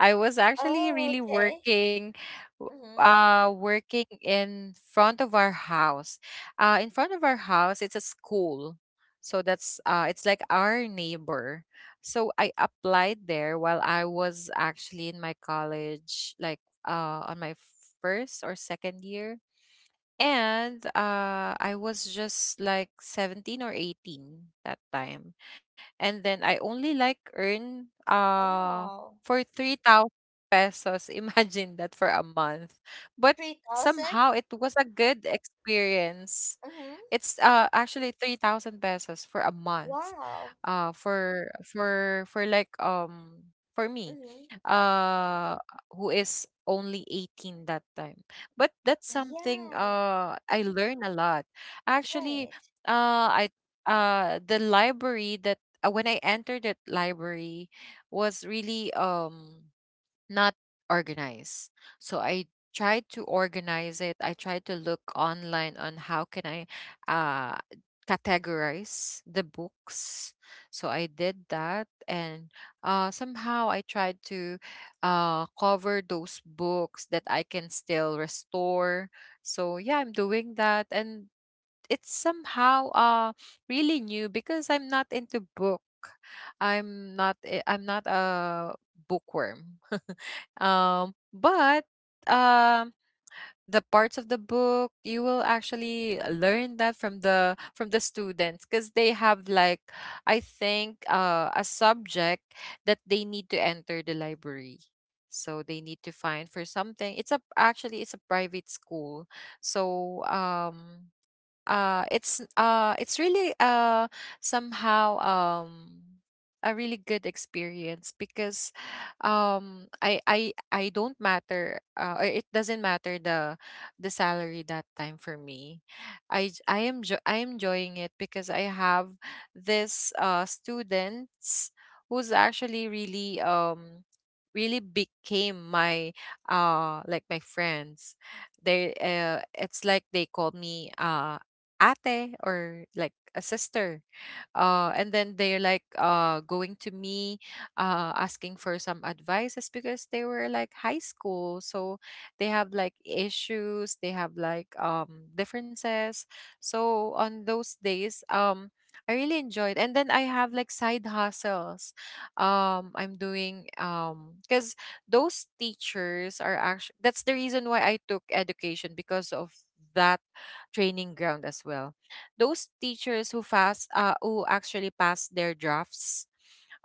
Speaker 2: I was actually
Speaker 1: Oh,
Speaker 2: really
Speaker 1: okay.
Speaker 2: working,
Speaker 1: Mm-hmm.
Speaker 2: uh working in front of our house. Uh, in front of our house it's a school. So that's uh it's like our neighbor. So I applied there while I was actually in my college, like uh on my first or second year, and uh, I was just like seventeen or eighteen that time. And then I only like earn, uh,
Speaker 1: Wow.
Speaker 2: for three thousand pesos. Imagine that for a month. But
Speaker 1: Three thousand.
Speaker 2: somehow it was a good experience.
Speaker 1: Mm-hmm.
Speaker 2: It's uh actually three thousand pesos for a month.
Speaker 1: Wow.
Speaker 2: Uh, for for for like um for me,
Speaker 1: Mm-hmm.
Speaker 2: uh who is only eighteen that time. But that's something
Speaker 1: Yeah.
Speaker 2: uh I learn a lot. Actually
Speaker 1: Right.
Speaker 2: uh I uh the library that uh, when I entered that library, was really um not organized. So I tried to organize it. I tried to look online on how can I uh categorize the books. So I did that, and uh somehow I tried to uh cover those books that I can still restore. So yeah, I'm doing that, and it's somehow uh really new because I'm not into book. I'm not a- I'm not a bookworm. Um, but um, the parts of the book you will actually learn that from the from the students because they have like, I think, uh, a subject that they need to enter the library. So they need to find for something. It's a actually it's a private school. So um uh it's uh it's really uh somehow um a really good experience because um I I I don't matter, uh, or it doesn't matter the the salary that time for me. I j- I am jo- I am enjoying it because I have this uh students who's actually really um really became my, uh like my friends. They uh it's like they call me, uh ate, or like a sister. Uh, and then they're like, uh, going to me, uh, asking for some advices because they were like high school. So they have like issues, they have like, um, differences. So on those days, um, I really enjoyed. And then I have like side hustles. Um, I'm doing um because those teachers are actually, that's the reason why I took education, because of that training ground as well. Those teachers who fast, uh, who actually pass their drafts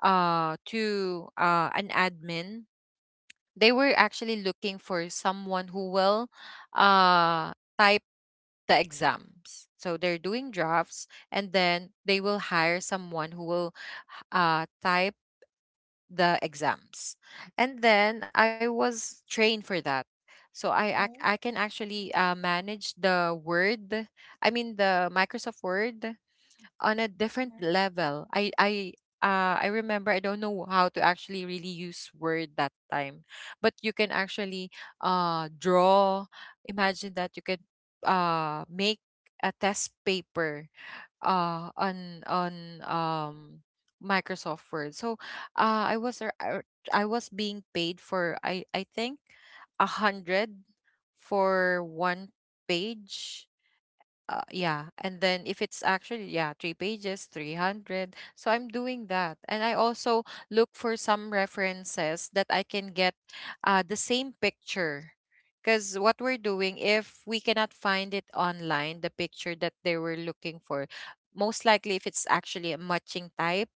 Speaker 2: uh to uh an admin, they were actually looking for someone who will uh type the exams. So they're doing drafts, and then they will hire someone who will uh type the exams, and then I was trained for that. So I ac-
Speaker 1: Mm-hmm.
Speaker 2: I can actually, uh, manage the word, I mean the Microsoft Word, on a different
Speaker 1: Mm-hmm.
Speaker 2: level. I I uh I remember I don't know how to actually really use word that time. But you can actually uh draw. Imagine that you can uh make a test paper uh on on um Microsoft Word. So uh I was ar- ar- I was being paid for, I I think, a hundred for one page. Uh, yeah, and then if it's actually yeah three pages, three hundred. So I'm doing that, and I also look for some references that I can get, uh, the same picture, because what we're doing, if we cannot find it online, the picture that they were looking for, most likely if it's actually a matching type,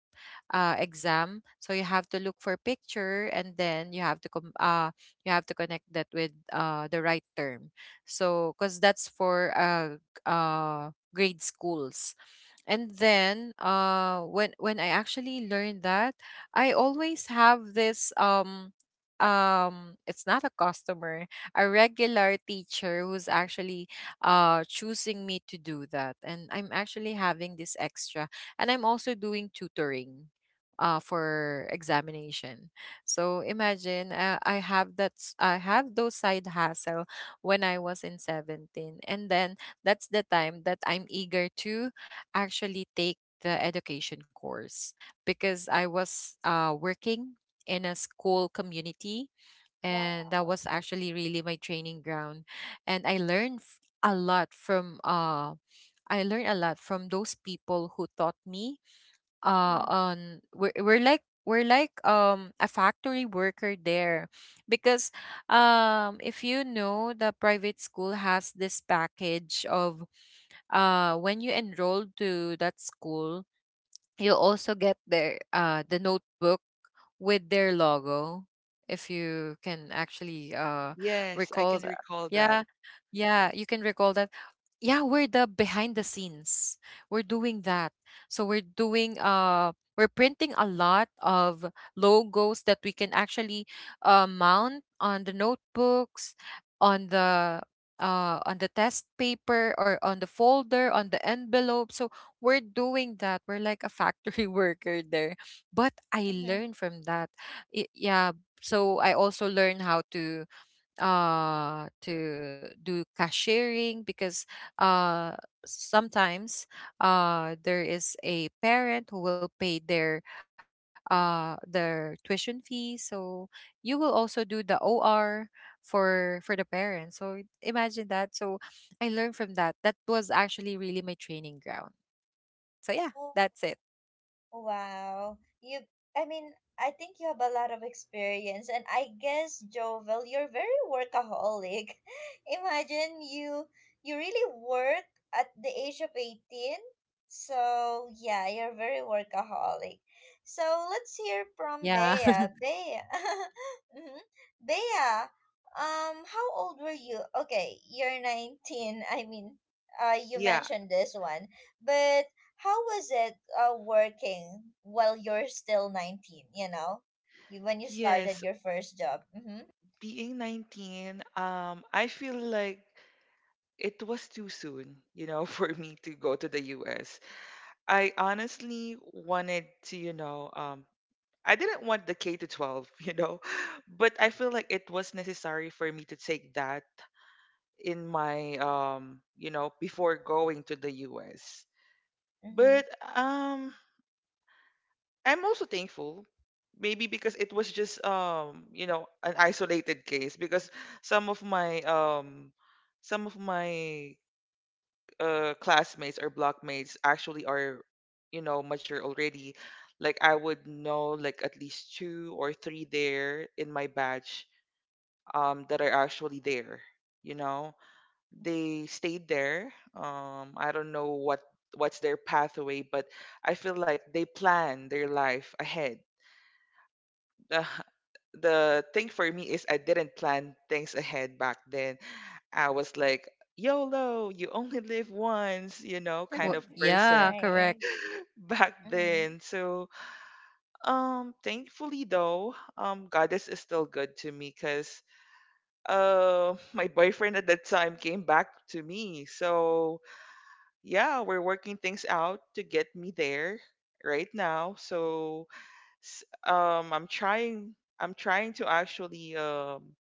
Speaker 2: uh, exam. So you have to look for picture, and then you have to com- uh, you have to connect that with, uh, the right term. So because that's for, uh, g- uh, grade schools. And then uh when when I actually learned that, I always have this um um it's not a customer, a regular teacher, who's actually uh choosing me to do that, and I'm actually having this extra. And I'm also doing tutoring uh for examination. So imagine, uh, i have that s- I have those side hustle when I was in seventeen. And then that's the time that I'm eager to actually take the education course, because I was, uh, working in a school community, and that
Speaker 1: Wow.
Speaker 2: was actually really my training ground. And I learned f- a lot from uh I learned a lot from those people who taught me, uh
Speaker 1: Mm-hmm.
Speaker 2: on, we're, we're like we're like um a factory worker there. Because um if you know, the private school has this package of, uh when you enroll to that school, you'll also get their, uh the notebook with their logo, if you can actually uh
Speaker 3: Yes, I
Speaker 2: recall
Speaker 3: can
Speaker 2: that.
Speaker 3: recall that.
Speaker 2: Yeah. Yeah, you can recall that. Yeah, we're the behind the scenes. We're doing that. So we're doing uh we're printing a lot of logos that we can actually, uh, mount on the notebooks, on the, uh, on the test paper, or on the folder, on the envelope. So we're doing that, we're like a factory worker there. But I
Speaker 1: Mm-hmm.
Speaker 2: learned from that. I- yeah, so I also learned how to uh to do cashiering, because uh sometimes uh there is a parent who will pay their uh their tuition fee. So you will also do the O R for for the parents, so imagine that. So I learned from that, that was actually really my training ground. So yeah, that's
Speaker 1: Oh.
Speaker 2: it.
Speaker 1: Wow. You I mean, I think you have a lot of experience and I guess Jovel, you're very workaholic. Imagine you you really work at the age of eighteen. So, yeah, you're very workaholic. So, let's hear from
Speaker 2: Yeah.
Speaker 1: Bea. Bea. Mhm. Bea, um how old were you? Okay, you're nineteen. I mean, uh you
Speaker 3: Yeah.
Speaker 1: mentioned this one. But how was it uh, working while you're still nineteen, you know, you, when you started
Speaker 3: Yes,
Speaker 1: your first job? Mm-hmm.
Speaker 3: being nineteen, um I feel like it was too soon, you know, for me to go to the U S. I honestly wanted to, you know, um, I didn't want the K to twelve, you know, but I feel like it was necessary for me to take that in my, um, you know, before going to the U S.
Speaker 1: Mm-hmm.
Speaker 3: But um, I'm also thankful, maybe because it was just, um, you know, an isolated case because some of my, um, some of my uh classmates or blockmates actually are, you know, mature already. Like I would know, like at least two or three there in my batch, um that are actually there, you know. They stayed there. um I don't know what what's their pathway, but I feel like they plan their life ahead. the the thing for me is I didn't plan things ahead back then. I was like, yolo, you only live once, you know, kind
Speaker 2: Well,
Speaker 3: of
Speaker 2: yeah,
Speaker 3: person
Speaker 2: correct.
Speaker 1: Right.
Speaker 3: back
Speaker 1: Mm-hmm.
Speaker 3: then. So, um, thankfully though, um, Goddess is still good to me because, uh, my boyfriend at that time came back to me. So yeah, we're working things out to get me there right now. So, s- um, I'm trying. I'm trying to actually um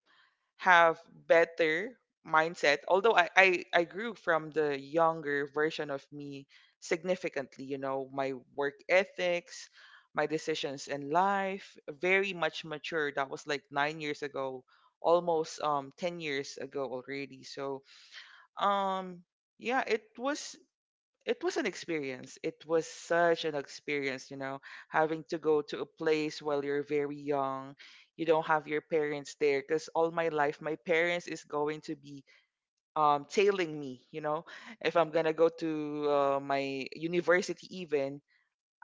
Speaker 3: have better mindset, although I, I i grew from the younger version of me significantly, you know. My work ethics, my decisions in life very much mature. That was like nine years ago, almost um ten years ago already, so um yeah. It was it was an experience. It was such an experience, you know, having to go to a place while you're very young. You don't have your parents there because all my life, my parents is going to be, um, tailing me, you know. If I'm gonna go to, uh, my university, even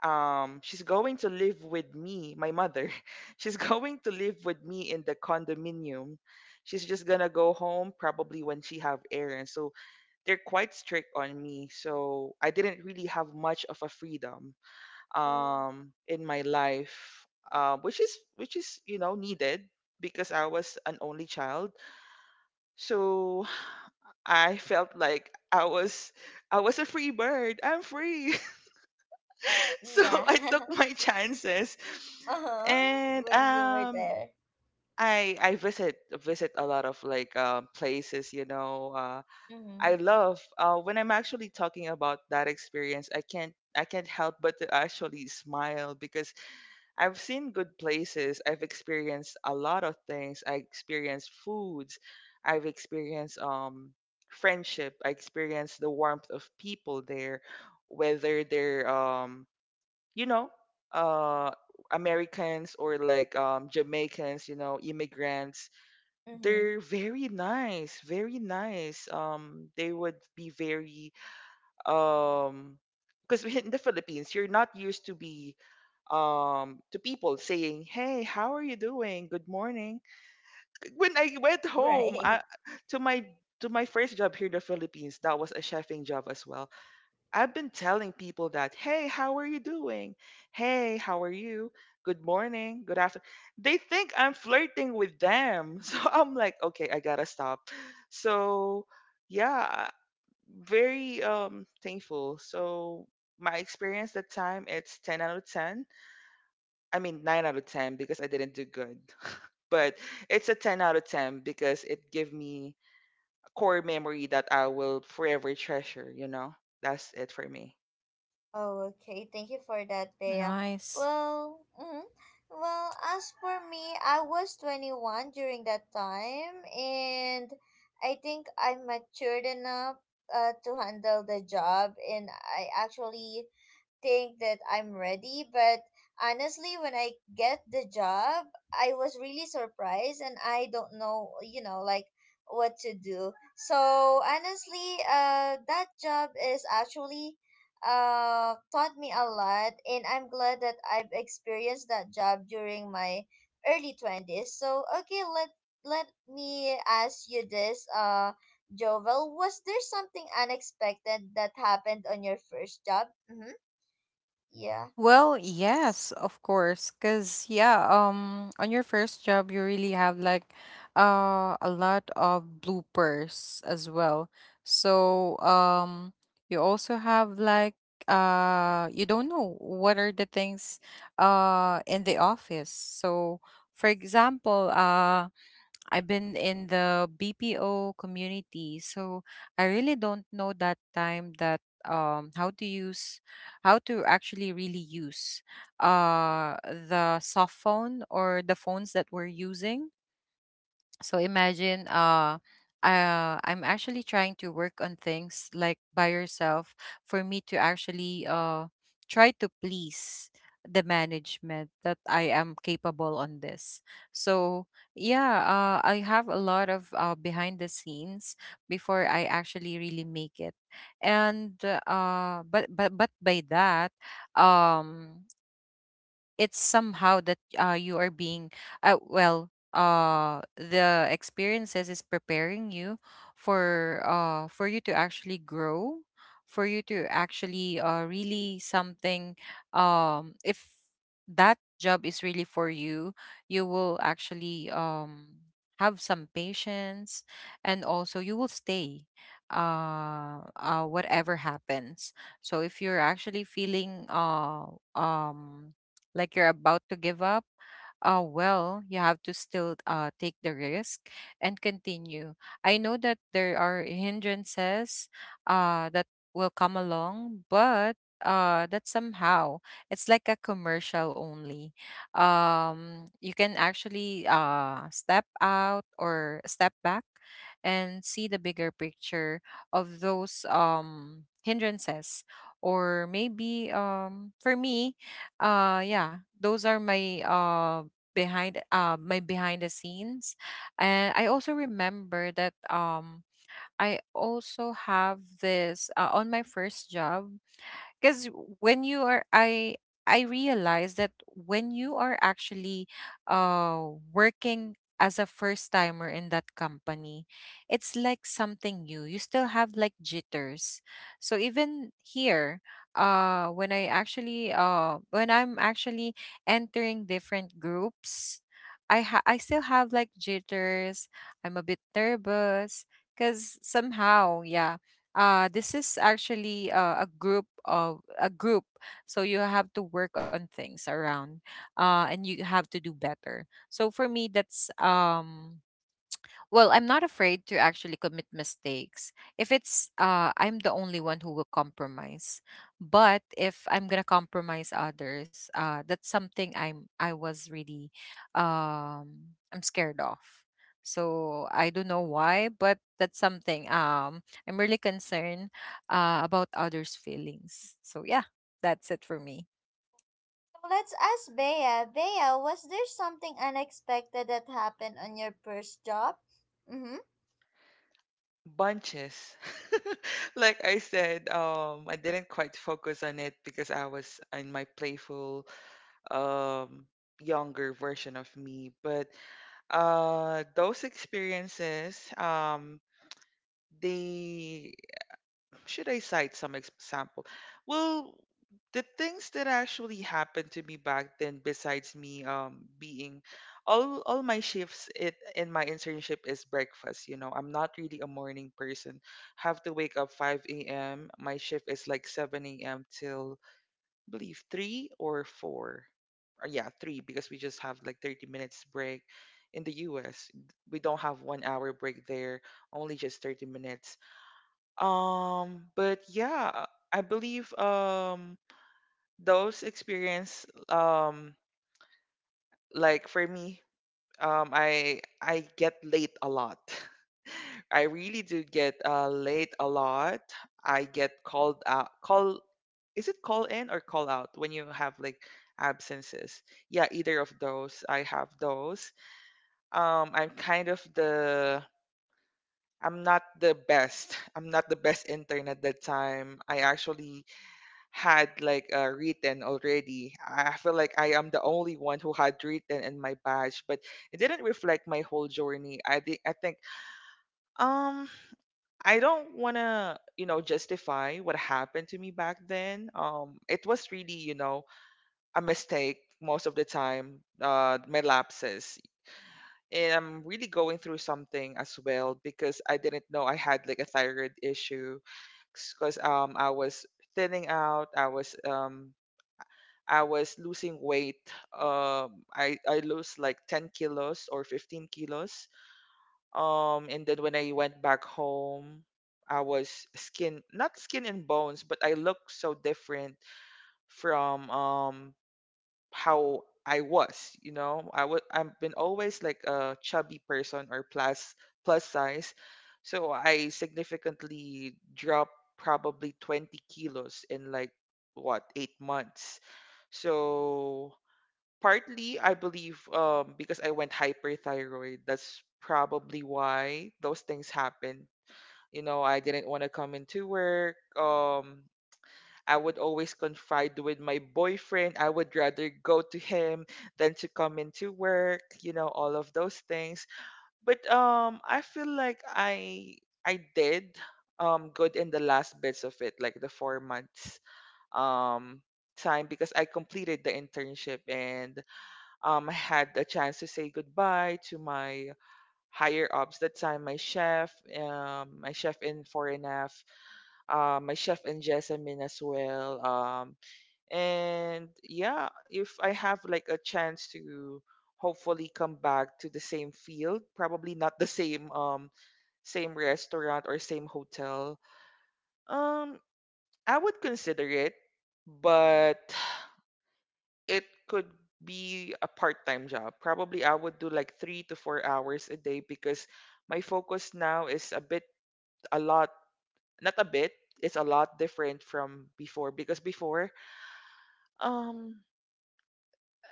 Speaker 3: um she's going to live with me, my mother. She's going to live with me in the condominium. She's just gonna go home probably when she have errands. So they're quite strict on me, so I didn't really have much of a freedom
Speaker 1: Oh,
Speaker 3: um in my life. uh, which is which is, you know, needed because I was an only child, so I felt like i was i was a free bird. I'm free. So
Speaker 1: yeah.
Speaker 3: I took my chances,
Speaker 1: Uh-huh.
Speaker 3: and,
Speaker 1: When you were
Speaker 3: um,
Speaker 1: there?
Speaker 3: I I visit visit a lot of like, uh, places. You know, uh,
Speaker 1: Mm-hmm.
Speaker 3: I love, uh, when I'm actually talking about that experience. I can't I can't help but to actually smile because I've seen good places. I've experienced a lot of things. I experienced foods. I've experienced um friendship. I experienced the warmth of people there, whether they're um you know, uh, Americans or like, um, Jamaicans, you know, immigrants.
Speaker 1: Mm-hmm.
Speaker 3: They're very nice, very nice. Um, they would be very, um, because in the Philippines, you're not used to be um to people saying, "Hey, how are you doing? Good morning." When I went home,
Speaker 1: Right.
Speaker 3: I to my to my first job here in the Philippines, that was a chefing job as well. I've been telling people that, "Hey, how are you doing? Hey, how are you? Good morning, good afternoon." They think I'm flirting with them. So I'm like, okay, I gotta stop. So yeah, very um thankful. So my experience that time, it's ten out of ten. I mean, nine out of ten because I didn't do good. But it's a ten out of ten because it gave me a core memory that I will forever treasure, you know? That's it for me.
Speaker 1: Oh, okay. Thank you for that, Bea.
Speaker 2: Nice.
Speaker 1: Well, mm well, as for me, I was twenty-one during that time, and I think I'm matured enough uh, to handle the job, and I actually think that I'm ready, but honestly, when I get the job, I was really surprised and I don't know, you know, like what to do. So honestly, uh, that job is actually uh, taught me a lot, and I'm glad that I've experienced that job during my early twenties. So okay, let let me ask you this, uh, Jovel, was there something unexpected that happened on your first job? Mm-hmm. Yeah.
Speaker 2: Well,
Speaker 1: So
Speaker 2: yes, of course, because yeah, um, on your first job, you really have like uh a lot of bloopers as well. So um, you also have like uh you don't know what are the things uh in the office. So for example, uh I've been in the B P O community, so I really don't know that time that um how to use, how to actually really use uh the soft phone or the phones that we're using. So imagine, uh, uh I'm actually trying to work on things like by yourself, for me to actually uh try to please the management that I am capable on this. So yeah, uh I have a lot of uh behind the scenes before I actually really make it. And uh but but but by that, um it's somehow that, uh, you are being, uh, well uh the experiences is preparing you for, uh for you to actually grow, for you to actually uh really something. Um, if that job is really for you, you will actually um have some patience, and also you will stay, uh uh whatever happens. So if you're actually feeling, uh um like you're about to give up, uh, well, you have to still, uh, take the risk and continue. I know that there are hindrances, uh, that will come along, but uh, that somehow it's like a commercial only. Um, you can actually, uh, step out or step back, and see the bigger picture of those, um, hindrances. Or maybe um, for me, uh yeah, those are my uh behind uh my behind the scenes. And I also remember that um I also have this, uh, on my first job, because when you are i i realize that when you are actually uh working as a first timer in that company, it's like something new, you still have like jitters. So even here, uh when i actually uh when I'm actually entering different groups, i ha- I still have like jitters, I'm a bit nervous, because somehow, yeah, uh this is actually, uh, a group of a group. So you have to work on things around, uh and you have to do better. So for me, that's um, well, I'm not afraid to actually commit mistakes. If it's uh I'm the only one who will compromise. But if I'm going to compromise others, uh that's something I'm I was really, um I'm scared of. So I don't know why, but that's something um I'm really concerned uh about others' feelings. So yeah, that's it for me.
Speaker 1: let's ask Bea. Bea, was there something unexpected that happened on your first job? Mm-hmm.
Speaker 3: Bunches. Like I said, um, I didn't quite focus on it because I was in my playful, um, younger version of me. But, uh, those experiences, um, they Should I cite some example? Well, the things that actually happened to me back then, besides me um being all all my shifts it in my internship is breakfast. You know, I'm not really a morning person. Have to wake up five a m. My shift is like seven a m till I believe three or four. Or yeah, three because we just have like thirty minutes break in the U S. We don't have one hour break there, only just thirty minutes. Um, but yeah, I believe um those experience, um like for me, um I I get late a lot. I really do get uh late a lot. I get called out, call is it call in or call out when you have like absences? Yeah, either of those. I have those. Um I'm kind of the I'm not the best. I'm not the best intern at that time. I actually had like, uh, written already. I I feel like I am the only one who had written in my badge, but it didn't reflect my whole journey. I think I think um I don't want to, you know, justify what happened to me back then. Um, it was really, you know, a mistake most of the time. Uh, my lapses. And I'm really going through something as well because I didn't know I had like a thyroid issue because um I was thinning out. I was um I was losing weight. Um, I I lost like ten kilos or fifteen kilos. Um, and then when I went back home, I was skin, not skin and bones, but I looked so different from um how I was. You know, I would I've been always like a chubby person or plus plus size, so I significantly dropped probably twenty kilos in like, what, eight months. So partly I believe, um because I went hyperthyroid. That's probably why those things happened. You know, I didn't want to come into work. Um I would always confide with my boyfriend. I would rather go to him than to come into work, you know, all of those things. But um I feel like I I did um good in the last bits of it, like the four months. Um time because I completed the internship and, um, I had the chance to say goodbye to my higher ups. That time, my chef, um, my chef in Foreign F, uh, my chef in Jessamine as well. Um, and yeah, if I have like a chance to hopefully come back to the same field, probably not the same um same restaurant or same hotel, um, I would consider it. But it could be a part-time job. Probably I would do like three to four hours a day because my focus now is a bit a lot, not a bit, it's a lot different from before because before um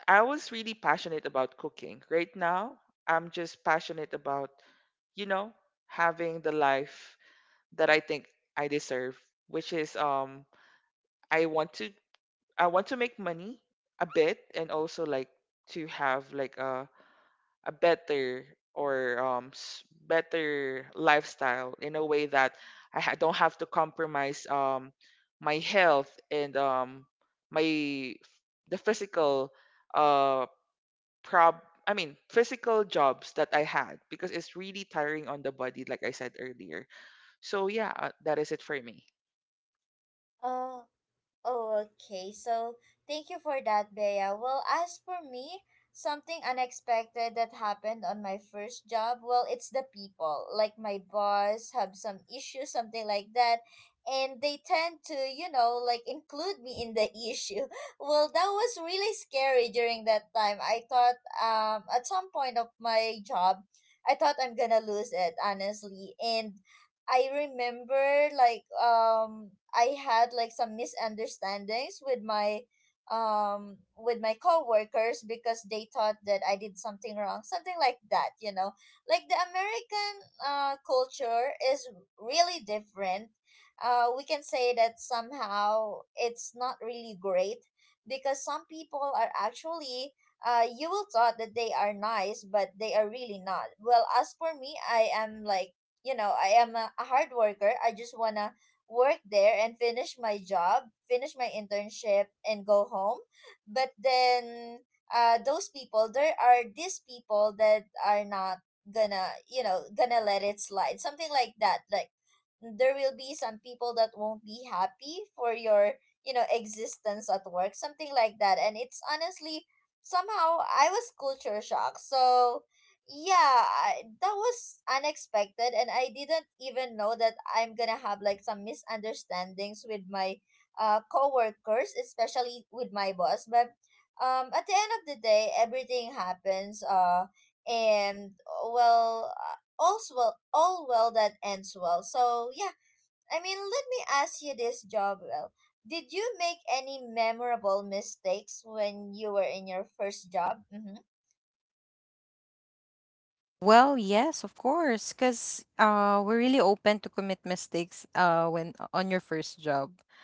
Speaker 3: I was really passionate about cooking. Right now, I'm just passionate about, you know, having the life that I think I deserve, which is um I want to I want to make money a bit and also like to have like a a better or um s- better lifestyle in a way that I ha- don't have to compromise um my health and um my f- the physical uh prob I mean physical jobs that I had because it's really tiring on the body like I said earlier. So yeah, uh, that is it for me.
Speaker 1: Uh, Oh, okay. So thank you for that, Bea. Well, as for me, something unexpected that happened on my first job, well, it's the people. Like my boss have some issues, something like that. And they tend to, you know, like include me in the issue. Well, that was really scary during that time. I thought um at some point of my job, I thought I'm gonna lose it, honestly. And I remember like um I had like some misunderstandings with my um with my coworkers because they thought that I did something wrong, something like that, you know. Like the American uh culture is really different. Uh, we can say that somehow it's not really great because some people are actually uh, you will thought that they are nice, but they are really not. Well, as for me, I am like, you know, I am a, a hard worker. I just want to work there and finish my job, finish my internship, and go home. But then, uh, those people, there are these people that are not gonna, you know, gonna let it slide. Something like that. Like, there will be some people that won't be happy for your, you know, existence at work, something like that. And it's honestly, somehow, I was culture shocked. So, yeah, I, that was unexpected and I didn't even know that I'm gonna have like some misunderstandings with my uh coworkers, especially with my boss. But um at the end of the day, everything happens, uh and uh, well, uh, all's well all well that ends well. So yeah, I mean, let me ask you this job. Well, did you make any memorable mistakes when you were in your first job? Mm-hmm.
Speaker 2: Well, yes, of course, because, uh, we're really open to commit mistakes, uh, when on your first job,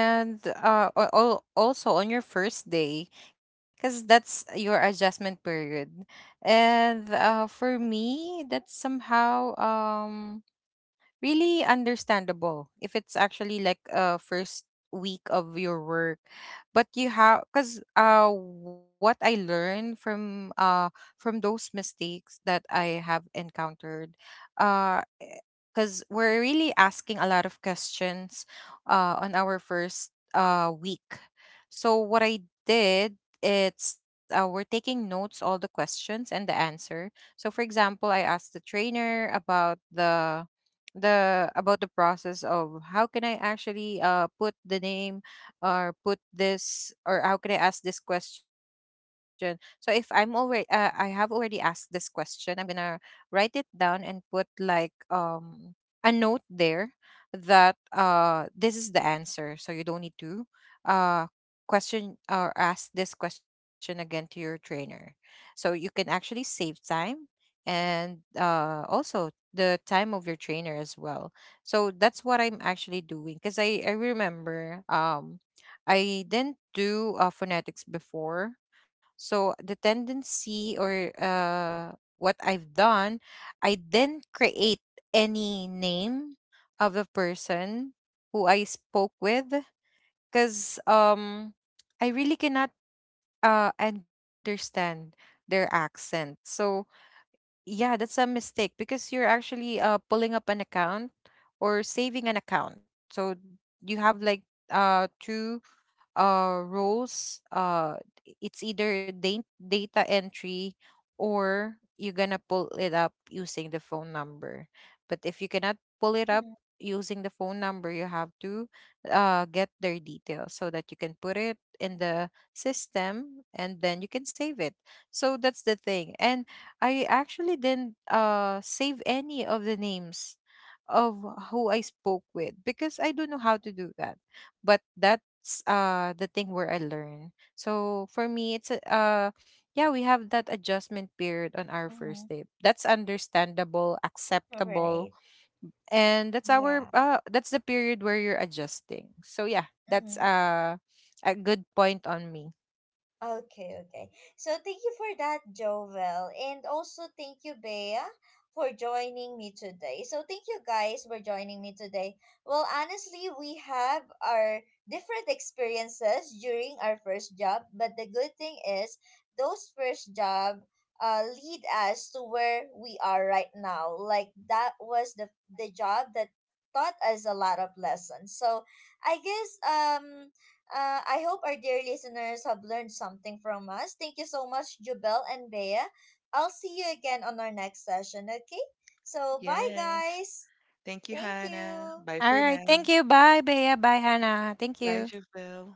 Speaker 2: and, uh, al- al- also on your first day, because that's your adjustment period. And uh, for me, that's somehow um really understandable if it's actually like a first week of your work. But you have, because uh what I learned from, uh from those mistakes that I have encountered, uh because we're really asking a lot of questions uh on our first uh week. So what I did, it's, uh, we're taking notes all the questions and the answer. So for example, I asked the trainer about the, the about the process of how can I actually uh put the name, or put this, or how can I ask this question. So if I'm already uh, I have already asked this question, I'm gonna write it down and put like um a note there that uh this is the answer. So you don't need to uh question or ask this question again to your trainer. So you can actually save time, and uh also the time of your trainer as well. So that's what I'm actually doing, because I, I remember um I didn't do, uh, phonetics before. So the tendency or uh what I've done, I didn't create any name of the person who I spoke with, because um I really cannot uh understand their accent. So yeah, that's a mistake, because you're actually uh pulling up an account, or saving an account. So you have like, uh two uh roles, uh it's either da- data entry, or you're gonna pull it up using the phone number. But if you cannot pull it up
Speaker 1: Mm-hmm.
Speaker 2: using the phone number, you have to uh get their details, so that you can put it in the system, and then you can save it. So that's the thing, and I actually didn't uh save any of the names of who I spoke with, because I don't know how to do that. But that's uh the thing where I learn. So for me, it's a- uh yeah, we have that adjustment period on our
Speaker 1: Mm-hmm.
Speaker 2: first date. That's understandable,
Speaker 1: Mm-hmm.
Speaker 2: acceptable,
Speaker 1: Right.
Speaker 2: and that's our
Speaker 1: Yeah.
Speaker 2: uh that's the period where you're adjusting. So yeah, that's
Speaker 1: Mm-hmm.
Speaker 2: uh a good point on me.
Speaker 1: Okay, okay. So thank you for that, Jovel. And also thank you, Bea, for joining me today. So thank you guys for joining me today. Well, honestly, we have our different experiences during our first job, but the good thing is those first job uh lead us to where we are right now. Like that was the the job that taught us a lot of lessons. So I guess um uh, I hope our dear listeners have learned something from us. Thank you so much, Jubel and Bea. I'll see you again on our next session, okay? So, bye,
Speaker 3: Yes.
Speaker 1: guys.
Speaker 3: Thank you,
Speaker 1: Thank
Speaker 3: Hannah.
Speaker 1: you.
Speaker 3: Bye
Speaker 2: All
Speaker 3: for
Speaker 2: right,
Speaker 3: now.
Speaker 2: thank you. Bye, Bea. Bye, Hannah. Thank
Speaker 3: Bye,
Speaker 2: you.
Speaker 3: Javelle.